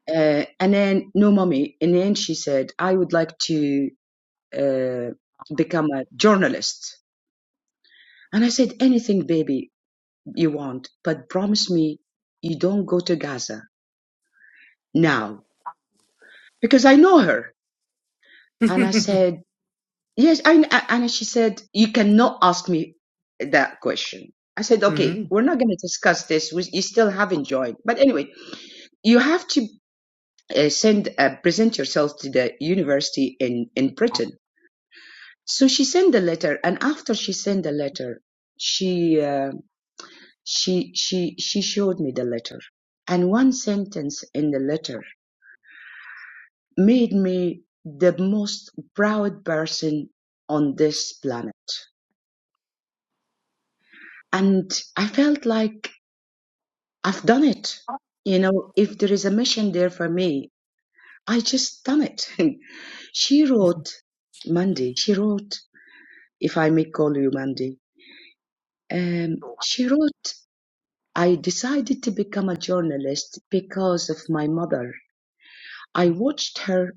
Speaker 2: Uh, and then, no, mommy. In the end, she said, I would like to uh, become a journalist And I said, anything, baby, you want, but promise me you don't go to Gaza now because I know her. And I said, yes. I, I- and she said, you cannot ask me that question. I said, okay,
Speaker 1: Mhm.
Speaker 2: we're not going to discuss this. We, you still haven't joined. But anyway, you have to uh, send, uh, present yourself to the university in, in Britain. So she sent the letter. And after she sent the letter, she. uh, She, she, she showed me the letter. And one sentence in the letter made me the most proud person on this planet. And I felt like I've done it. You know, if there is a mission there for me, I just done it. she wrote, Mandy, she wrote, if I may call you Mandy, um, she wrote, I decided to become a journalist because of my mother. I watched her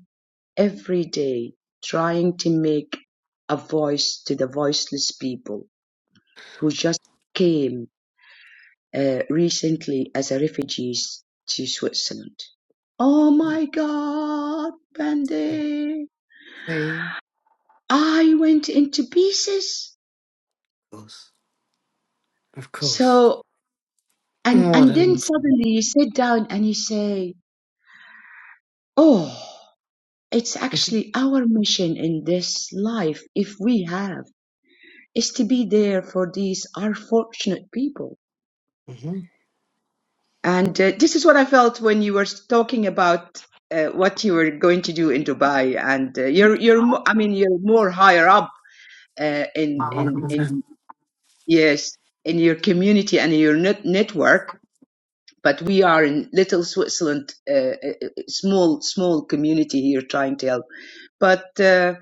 Speaker 2: every day trying to make a voice to the voiceless people who just came uh, recently as a refugees to Switzerland. Oh my God, Brandy,
Speaker 1: Same
Speaker 2: I went into pieces.
Speaker 1: goes, of course.
Speaker 2: So, and,
Speaker 1: More
Speaker 2: and then
Speaker 1: than
Speaker 2: suddenly you sit down and you say, oh, it's
Speaker 1: Mhm.
Speaker 2: actually our mission in this life, if we have, is to be there for these unfortunate people
Speaker 1: Mhm.
Speaker 2: And uh, this is what I felt when you were talking about uh, what you were going to do in Dubai. And uh, you're, you're, mo- I mean, you're more higher up uh, in, in, in, yes, in your community and in your net network. But we are in little Switzerland, uh, uh, uh, small, small community here trying to help. But uh,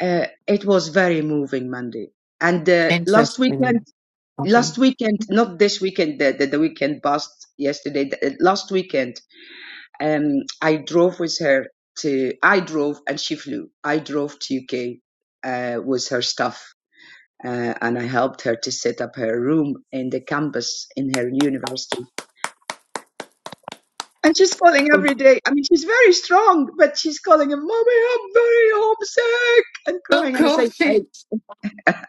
Speaker 2: uh, it was very moving Monday. And uh, last weekend,
Speaker 1: interesting. Okay.
Speaker 2: last weekend, not this weekend, the, the, the weekend past yesterday, the, last weekend, Um, I drove with her to, I drove and she flew. I drove to UK uh, with her stuff. Uh, and I helped her to set up her room in the campus in her university. And she's calling every day. I mean, she's very strong, but she's calling and, Mommy, I'm very homesick, and
Speaker 1: Of
Speaker 2: crying. And I say,
Speaker 1: course
Speaker 2: hey,
Speaker 1: it.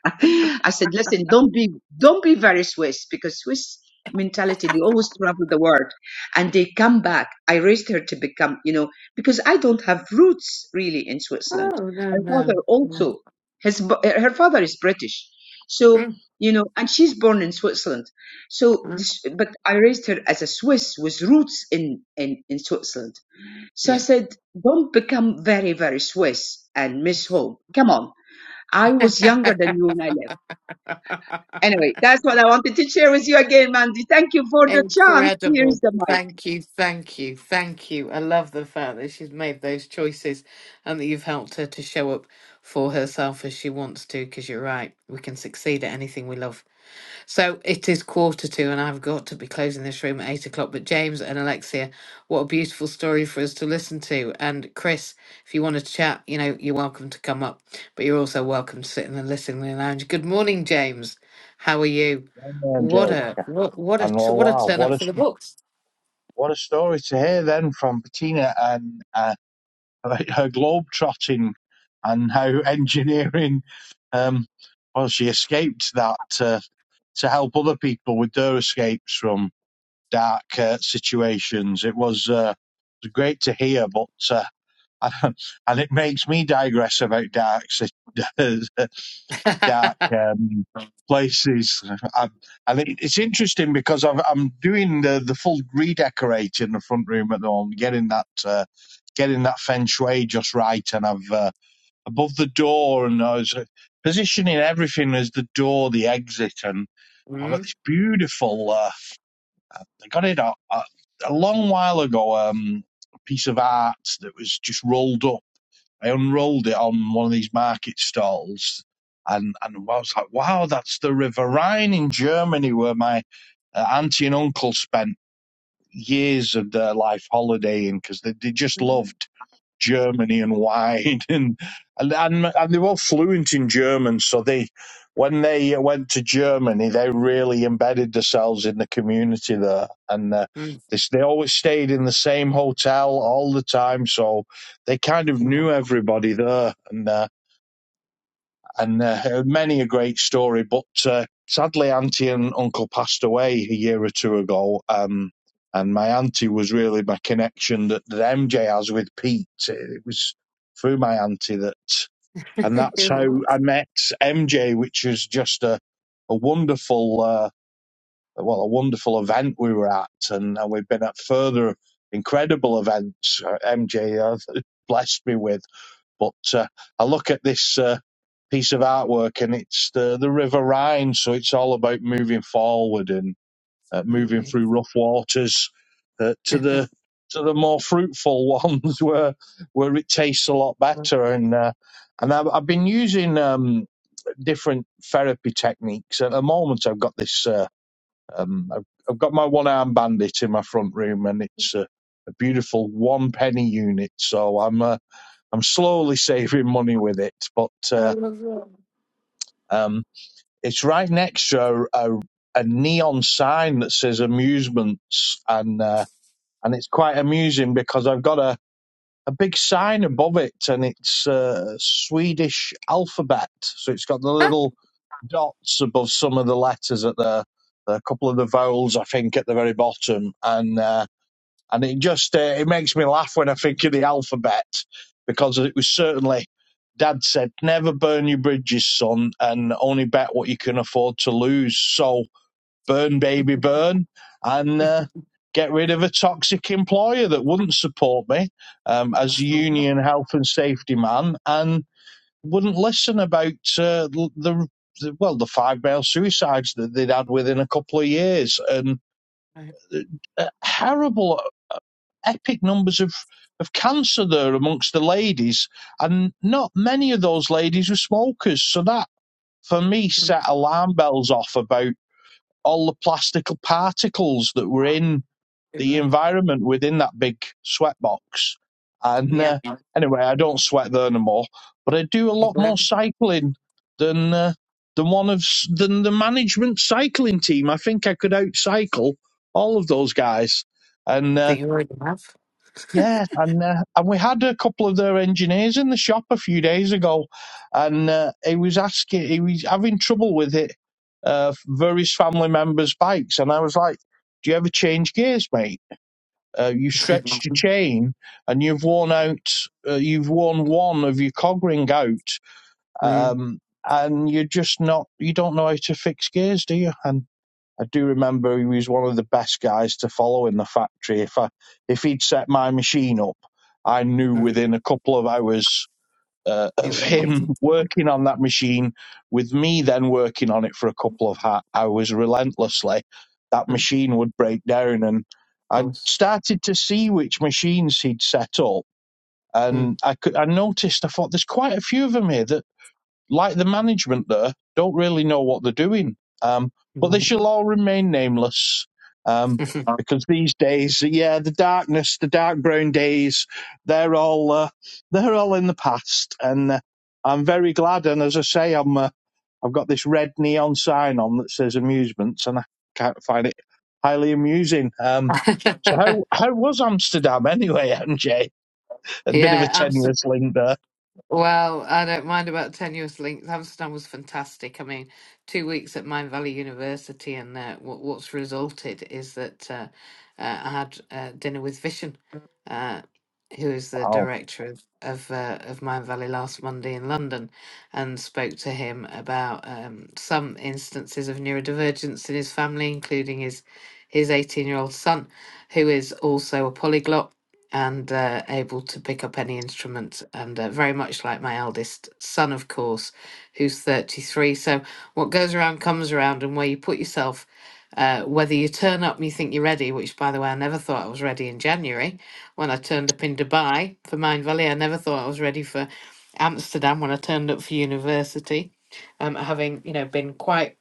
Speaker 2: I said, listen, don't be don't be very Swiss because Swiss mentality they always travel the world and they come back. I raised her to become, you know, because I don't have roots really in Switzerland.
Speaker 1: Oh no
Speaker 2: Her father
Speaker 1: no no.
Speaker 2: also his b- her father is British, so you know, and she's born in Switzerland. So,
Speaker 1: Mhm.
Speaker 2: this- but I raised her as a Swiss with roots in in in Switzerland. So I
Speaker 1: Yeah.
Speaker 2: said, don't become very very Swiss and miss home. Come on. I was younger than you when I left. Anyway, that's what I wanted to share with you again, Mandy. Thank you for the chance. Here's
Speaker 1: Incredible.
Speaker 2: the mic.
Speaker 1: Thank you, thank you, thank you. I love the fact that she's made those choices and that you've helped her to show up for herself as she wants to, because you're right. We can succeed at anything we love So it is quarter to, and I've got to be closing this room at eight o'clock. But James and Alexia, what a beautiful story for us to listen to. And Chris, if you want to chat, you know, you're welcome to come up, but you're also welcome to sit in the listening lounge. Good morning, James. How are you? What
Speaker 3: MJ.
Speaker 1: a what what a
Speaker 3: And
Speaker 1: t-
Speaker 3: oh
Speaker 1: what a
Speaker 3: wow,
Speaker 1: turn
Speaker 3: what
Speaker 1: up
Speaker 3: a
Speaker 1: for the books.
Speaker 3: what a story to hear then from Bettina and uh, like her globe trotting and how engineering. Um, well, she escaped that uh, to help other people with their escapes from dark uh, situations. It was uh, it was great to hear, but uh, and it makes me digress about dark situations. dark um, places. I, and it, it's interesting because I've, I'm doing the, the full redecorating in the front room at the moment, getting that uh, getting that feng shui just right. And I've uh, above the door, and I was uh, positioning everything as the door, the exit, and I've got
Speaker 1: Mm,
Speaker 3: this beautiful. Uh, I got it a, a, a long while ago. Um, a piece of art that was just rolled up I unrolled it on one of these market stalls, and and I was like, "Wow, that's the River Rhine in Germany, where my uh, auntie and uncle spent years of their life holidaying because they, they just
Speaker 1: mm,
Speaker 3: loved." Germany and wide, and and and, and they were fluent in German. So they, when they went to Germany, they really embedded themselves in the community there, and uh,
Speaker 1: mm.
Speaker 3: they they always stayed in the same hotel all the time. So they kind of knew everybody there, and. Uh, and uh, many a great story. But uh, sadly, auntie and uncle passed away a year or two ago, um, and my auntie was really my connection that, that MJ has with Pete. It was through my auntie that, and that's how
Speaker 1: Certainly.
Speaker 3: I met MJ, which is just a a wonderful, uh, well, a wonderful event we were at, and, and we've been at further incredible events. uh, MJ uh, blessed me with. But uh, I look at this uh, piece of artwork, and it's the the River Rhine, so it's all about moving forward and uh, moving through rough waters uh, to the to the more fruitful ones, where where it tastes a lot better. And uh, and I've, I've been using um, different therapy techniques. At the moment, I've got this. Uh, um, I've, I've got my one arm bandit in my front room, and it's uh, a beautiful one penny unit. So I'm uh, I'm slowly saving money with it, but
Speaker 1: I
Speaker 3: uh,
Speaker 1: love that.
Speaker 3: um, it's right next to a, a, a neon sign that says amusements, and uh, and it's quite amusing because I've got a, a big sign above it, and it's uh, Swedish alphabet, so it's got the little dots above some of the letters at the a couple of the vowels, I think, at the very bottom, and. Uh, and it just uh, it makes me laugh when I think of the alphabet because it was certainly Dad said never burn your bridges, son, and only bet what you can afford to lose. So burn, baby, burn, and uh, get rid of a toxic employer that wouldn't support me um, as a
Speaker 1: That's all
Speaker 3: union health and safety man and wouldn't listen about uh, the. the well, the five male suicides that they'd had within a couple of years, and
Speaker 1: right.
Speaker 3: uh, horrible epic numbers of, of cancer there amongst the ladies, and not many of those ladies were smokers. So that, for me, set alarm bells off about all the plastic particles that were in the
Speaker 1: Absolutely.
Speaker 3: environment within that big sweat box. And
Speaker 1: Yeah.
Speaker 3: uh, anyway, I don't sweat there no more, but I do a
Speaker 1: Is
Speaker 3: lot more cycling than. Uh, than one of than the management cycling team. I think I could outcycle all of those guys. And uh,
Speaker 1: that you already have,
Speaker 3: yeah, and uh, and we had a couple of their engineers in the shop a few days ago, and uh, he was asking, he was having trouble with it uh, for family members' bikes, and I was like, "Do you ever change gears, mate? Uh, you stretched your chain, and you've worn out, uh, you've worn one of your cog ring out,
Speaker 1: Mm,
Speaker 3: um, and you're just not, you don't know how to fix gears, do you?" And I do remember he was one of the best guys to follow in the factory. If I, if he'd set my machine up, I knew
Speaker 1: mm,
Speaker 3: within a couple of hours uh,
Speaker 1: It
Speaker 3: of
Speaker 1: will be. Mm,
Speaker 3: him working on that machine, with me then working on it for a couple of ha- hours relentlessly, that
Speaker 1: Of
Speaker 3: machine would break down. And I
Speaker 1: course.
Speaker 3: started to see which machines he'd set up,
Speaker 1: Mm,
Speaker 3: and I could I noticed I thought there's quite a few of them here. that like the management there, don't really know what they're doing. Um, but they shall all remain nameless um,
Speaker 1: mm.
Speaker 3: because these days, yeah, the darkness, the dark brown days, they're all uh, they're all in the past, and uh, I'm very glad. And as I say, I'm uh, I've got this red neon sign on that says amusements, and I can't find it highly amusing. Um, so how how was Amsterdam anyway, MJ? A bit of a
Speaker 1: yeah,
Speaker 3: tenuous link there.
Speaker 1: Well, I don't mind about tenuous links. Amsterdam was fantastic. I mean, two weeks at Mine Valley University, and uh, what, what's resulted is that uh, uh, I had uh, dinner with Vishen, uh, who is the
Speaker 3: Wow.
Speaker 1: director of of, uh, of Mine Valley last Monday in London, and spoke to him about um, some instances of neurodivergence in his family, including his his eighteen year old son, who is also a polyglot and uh, able to pick up any instrument, and uh, very much like my eldest son, of course, who's 33. So, what goes around comes around, and where you put yourself, uh, whether you turn up and you think you're ready, which, by the way, I never thought I was ready in January when I turned up in Dubai for Mind Valley. I never thought I was ready for Amsterdam when I turned up for university, um, having you know been quite.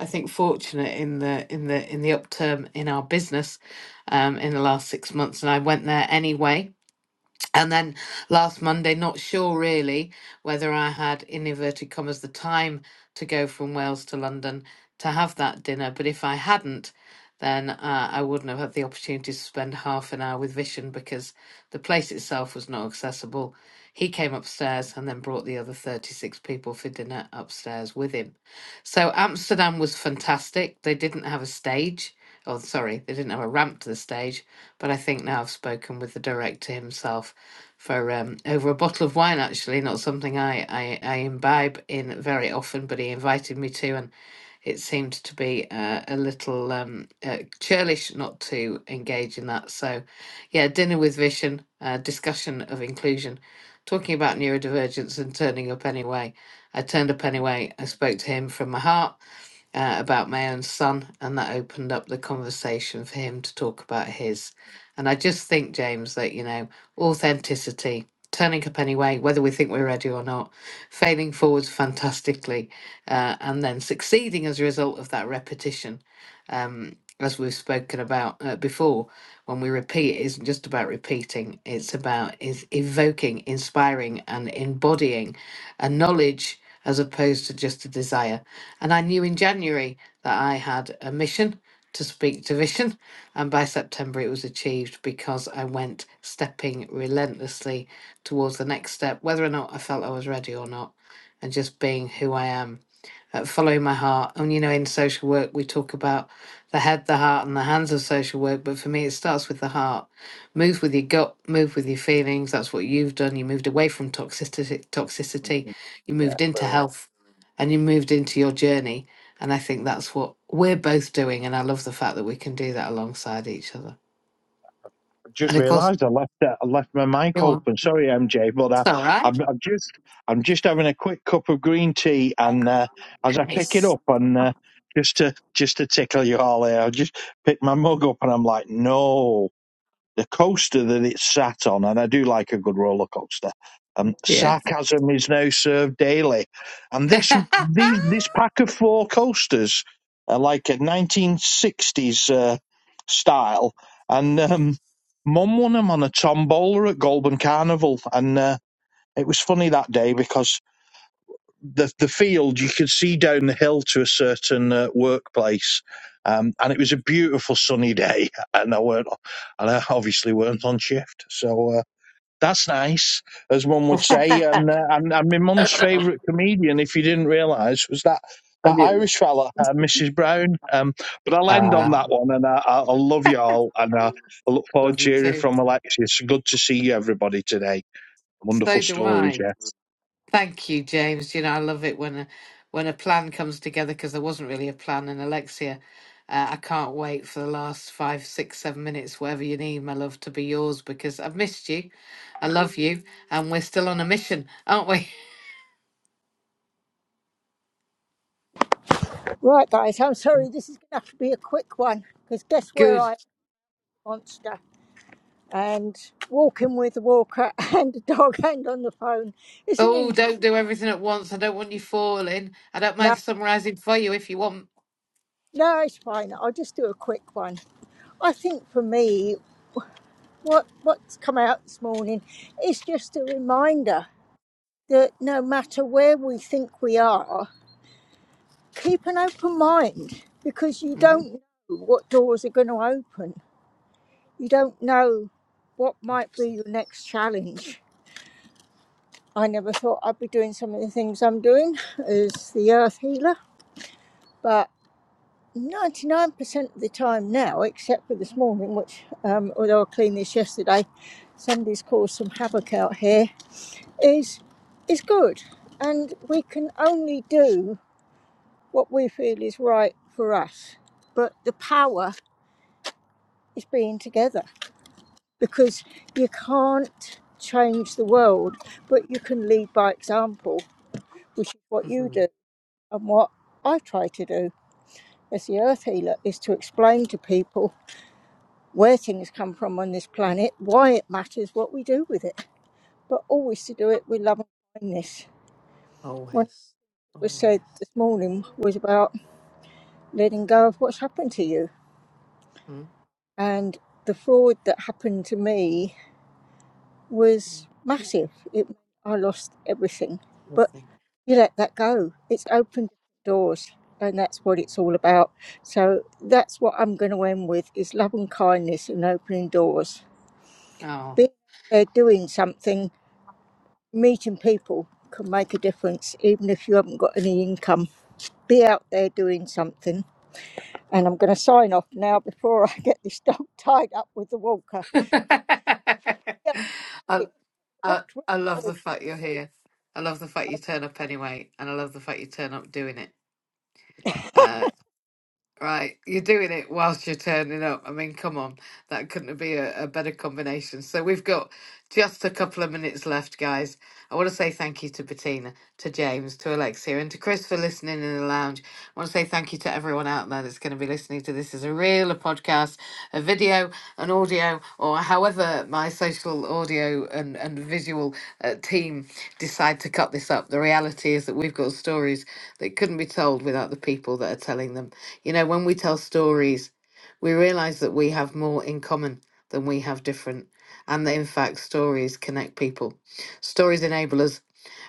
Speaker 1: I think fortunate in the in the in the upturn in our business um, in the last six months, and I went there anyway. And then last Monday, not sure really whether I had, in inverted commas, the time to go from Wales to London to have that dinner. But if I hadn't, then uh, I wouldn't have had the opportunity to spend half an hour with Vision because the place itself was not accessible. He came upstairs and then brought the other 36 people for dinner upstairs with him. So Amsterdam was fantastic. They didn't have a stage. Oh, sorry, they didn't have a ramp to the stage but I think now I've spoken with the director himself for um, over a bottle of wine, actually, not something I, I, I imbibe in very often, but he invited me to. And it seemed to be uh, a little um, uh, churlish not to engage in that. So, yeah, dinner with vision, uh, discussion of inclusion, talking about neurodivergence and turning up anyway. I turned up anyway. I spoke to him from my heart uh, about my own son, and that opened up the conversation for him to talk about his. And I just think, James, that you know, authenticity, turning up anyway, whether we think we're ready or not, failing forwards fantastically, uh, and then succeeding as a result of that repetition. Um, as we've spoken about uh, before, when we repeat, it isn't just about repeating; it's about is evoking, inspiring, and embodying a knowledge as opposed to just a desire and I knew in January that I had a mission to speak to vision. And by September, it was achieved because I went stepping relentlessly towards the next step, whether or not I felt I was ready or not, and just being who I am at Follow My Heart. And you know, in social work, we talk about the head, the heart, and the hands of social work. But for me, it starts with the heart. Move with your gut, move with your feelings. That's what you've done. You moved away from toxicity, toxicity.
Speaker 3: Yeah,
Speaker 1: You moved into
Speaker 3: brilliant.
Speaker 1: health, and you moved into your journey. And I think that's what we're both doing. And I love the fact that we can do that alongside each other.
Speaker 3: just
Speaker 1: And of course,
Speaker 3: realised I left uh, I left my mic
Speaker 1: you on.
Speaker 3: open. Sorry, MJ, but
Speaker 1: It's
Speaker 3: I,
Speaker 1: all right.
Speaker 3: I'm, I'm just I'm just having a quick cup of green tea, and uh, as I pick it
Speaker 1: Nice.
Speaker 3: up, and uh, just to just to tickle you all, there, I just pick my mug up, and I'm like, no the coaster that it sat on, and I do like a good roller coaster. Um,
Speaker 1: Yeah.
Speaker 3: sarcasm is now served daily, and this these this pack of four coasters are like a 1960s uh, style, and um, Mum won them on a tombola at Goulburn Carnival, and uh, it was funny that day because the the field you could see down the hill to a certain uh, workplace, um, and it was a beautiful sunny day, and I weren't, and I obviously weren't on shift, so uh, that's nice, as one would say. And
Speaker 1: I
Speaker 3: uh, and, and my mum's favourite comedian, if you didn't realise, was that. That
Speaker 1: do.
Speaker 3: Irish fella, uh, Mrs. Brown. Um, but I'll end on
Speaker 1: Ah,
Speaker 3: that one, and I, I, I love you all, and I, I look forward
Speaker 1: love
Speaker 3: to
Speaker 1: you
Speaker 3: hearing
Speaker 1: too.
Speaker 3: from Alexis. Good to see you, everybody, today.
Speaker 1: So
Speaker 3: Wonderful
Speaker 1: do
Speaker 3: stories,
Speaker 1: I.
Speaker 3: yeah.
Speaker 1: Thank you, James. You know, I love it when a, when a plan comes together because there wasn't really a plan. And Alexia, uh, I can't wait for the last five, six, seven minutes, whatever you need, my love, to be yours because I've missed you. I love you. And we're still on a mission, aren't we?
Speaker 4: Right, guys, I'm sorry, this is going to have to be a quick one because guess where
Speaker 1: Good.
Speaker 4: I am, monster? And walking with a walker and a dog and on the phone isn't
Speaker 1: Oh,
Speaker 4: interesting.
Speaker 1: don't do everything at once. I don't want you falling. I don't
Speaker 4: No,
Speaker 1: mind summarizing for you if you want.
Speaker 4: no, it's fine. I'll just do a quick one. I think for me, what what's come out this morning is just a reminder that no matter where we think we are, keep an open mind because you
Speaker 1: Mhm.
Speaker 4: don't know what doors are going to open. You don't know what might be your next challenge. I never thought I'd be doing some of the things I'm doing as the earth healer, but 99% of the time now, except for this morning, which, um, although I cleaned this yesterday, somebody's caused some havoc out here, is, is good. And we can only do what we feel is right for us. But the power is being together because you can't change the world, but you can lead by example, which is what you
Speaker 1: Mhm.
Speaker 4: do. And what I try to do as the earth healer is to explain to people where things come from on this planet, why it matters, what we do with it, but always to do it with love and kindness. What
Speaker 1: Always.
Speaker 4: was
Speaker 1: Always.
Speaker 4: said this morning was about letting go of what's happened to you.
Speaker 1: Mm-hmm.
Speaker 4: And the fraud that happened to me was massive. It I lost everything. but.
Speaker 1: Nothing.
Speaker 4: you let that go. It's open doors, and that's what it's all about. So that's what I'm going to end with: is love and kindness and opening doors. Being there, doing something, meeting people can make a difference, even if you haven't got any income. Be out there doing something. And I'm going to sign off now before I get this dog tied up with the walker.
Speaker 1: I,
Speaker 4: Yeah, it's
Speaker 1: I
Speaker 4: hooked. with
Speaker 1: I
Speaker 4: the
Speaker 1: love the
Speaker 4: walker.
Speaker 1: fact you're here. I love the fact you turn up anyway, and I love the fact you turn up doing it. Uh, Right, you're doing it whilst you're turning up. I mean, come on, that couldn't be a, a better combination. So we've got just a couple of minutes left, guys. I want to say thank you to Bettina, to James, to Alexia, and to Chris for listening in the lounge. I want to say thank you to everyone out there that's going to be listening to this as a reel, a podcast, a video, an audio, or however my social audio and, and visual uh, team decide to cut this up. The reality is that we've got stories that couldn't be told without the people that are telling them. You know, when we tell stories, we realize that we have more in common than we have different, and that in fact, stories connect people. Stories enable us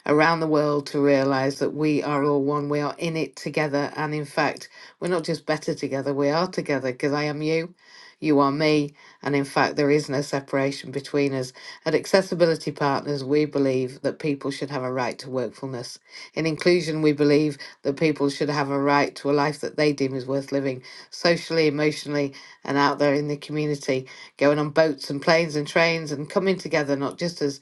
Speaker 1: around the world to realize that we are all one. We are in it together. And in fact, we're not just better together, we are together because I am you, you are me. And in fact, there is no separation between us. At Accessibility Partners, we believe that people should have a right to workfulness. In inclusion, we believe that people should have a right to a life that they deem is worth living, socially, emotionally, and out there in the community, going on boats and planes and trains and coming together, not just as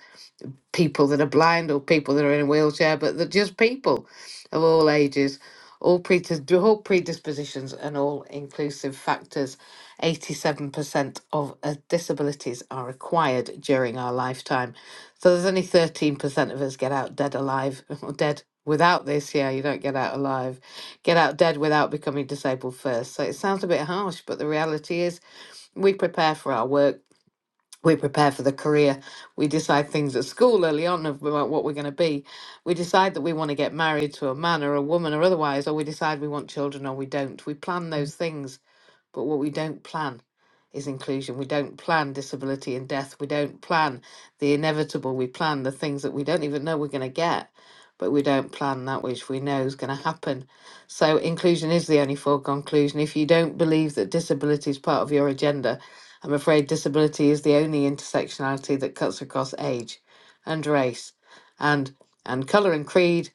Speaker 1: people that are blind or people that are in a wheelchair, but they're just people of all ages, all, predis- all predispositions and all inclusive factors. 87% of uh, disabilities are acquired during our lifetime. So there's only 13% of us get out dead alive, or dead without this. Yeah, you don't get out alive. Get out dead without becoming disabled first. So it sounds a bit harsh, but the reality is we prepare for our work we prepare for the career. We decide things at school early on of- about what we're going to be. We decide that we want to get married to a man or a woman or otherwise, or we decide we want children or we don't. We plan those things but what we don't plan is inclusion. We don't plan disability and death. We don't plan the inevitable. We plan the things that we don't even know we're going to get, but we don't plan that which we know is going to happen. So inclusion is the only foregone conclusion. If you don't believe that disability is part of your agenda, I'm afraid disability is the only intersectionality that cuts across age and race and and colour and creed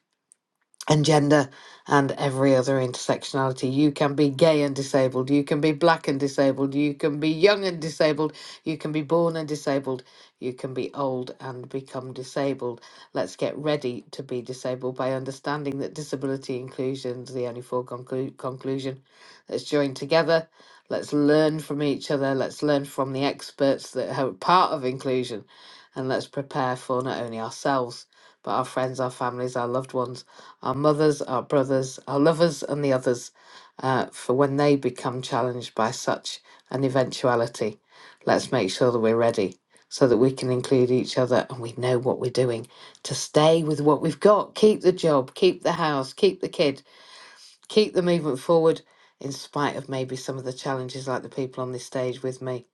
Speaker 1: and gender and every other intersectionality. You can be gay and disabled. You can be black and disabled. You can be young and disabled. You can be born and disabled. You can be old and become disabled. Let's get ready to be disabled by understanding that disability inclusion is the only foregone conclu- conclusion. Let's join together. Let's learn from each other. Let's learn from the experts that are part of inclusion. And let's prepare for not only ourselves, but our friends, our families, our loved ones our mothers, our brothers, our lovers, and the others, uh, for when they become challenged by such an eventuality. Let's make sure that we're ready so that we can include each other and we know what we're doing to stay with what we've got. Keep the job, keep the house, keep the kid, keep the movement forward in spite of maybe some of the challenges like the people on this stage with me.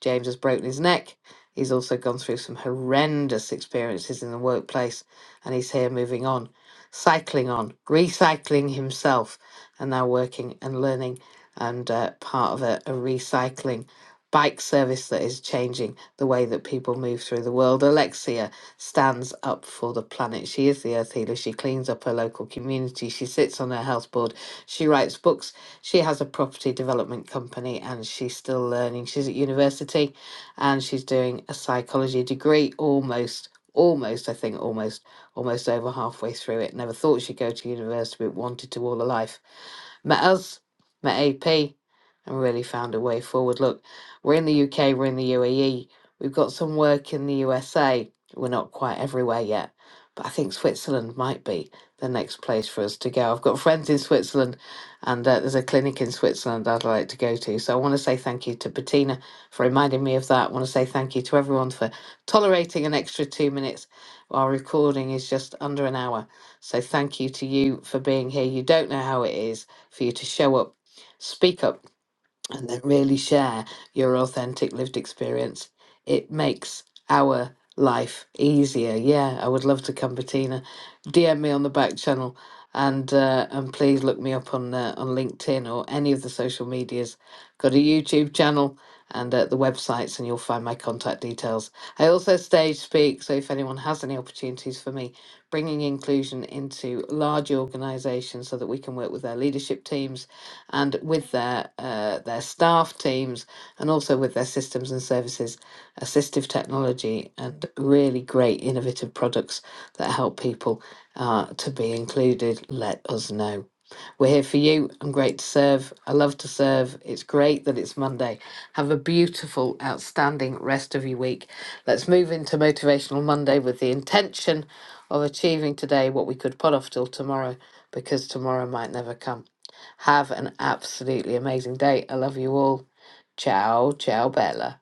Speaker 1: James has broken his neck. He's also gone through some horrendous experiences in the workplace and he's here moving on, cycling on, recycling himself, and now working and learning and uh, part of a, a recycling bike service that is changing the way that people move through the world. Alexia stands up for the planet. She is the earth healer. She cleans up her local community. She sits on her health board she writes books. She has a property development company and she's still learning. She's at university and she's doing a psychology degree almost, almost, I think, almost, almost over halfway through it. Never thought she'd go to university, but wanted to all her life met us, met AP, and really found a way forward. Look, we're in the UK, we're in the UAE, we've got some work in the USA. We're not quite everywhere yet, but I think Switzerland might be the next place for us to go. I've got friends in Switzerland and uh, there's a clinic in Switzerland that I'd like to go to. So I want to say thank you to Bettina for reminding me of that. I want to say thank you to everyone for tolerating an extra two minutes. Our recording is just under an hour. So thank you to you for being here. You don't know how it is for you to show up, speak up and then really share your authentic lived experience. It makes our life easier. Yeah, I would love to come, Bettina. DM me on the back channel, and uh, and please look me up on uh, on LinkedIn or any of the social medias. Got a YouTube channel and uh, the websites, and you'll find my contact details. I also stage speak, so if anyone has any opportunities for me, bringing inclusion into large organisations so that we can work with their leadership teams and with their uh, their staff teams and also with their systems and services, assistive technology and really great innovative products that help people uh, to be included. Let us know. We're here for you. I'm great to serve. I love to serve. It's great that it's Monday. Have a beautiful, outstanding rest of your week. Let's move into Motivational Monday with the intention of achieving today what we could put off till tomorrow because tomorrow might never come. Have an absolutely amazing day. I love you all. Ciao, ciao, Bella.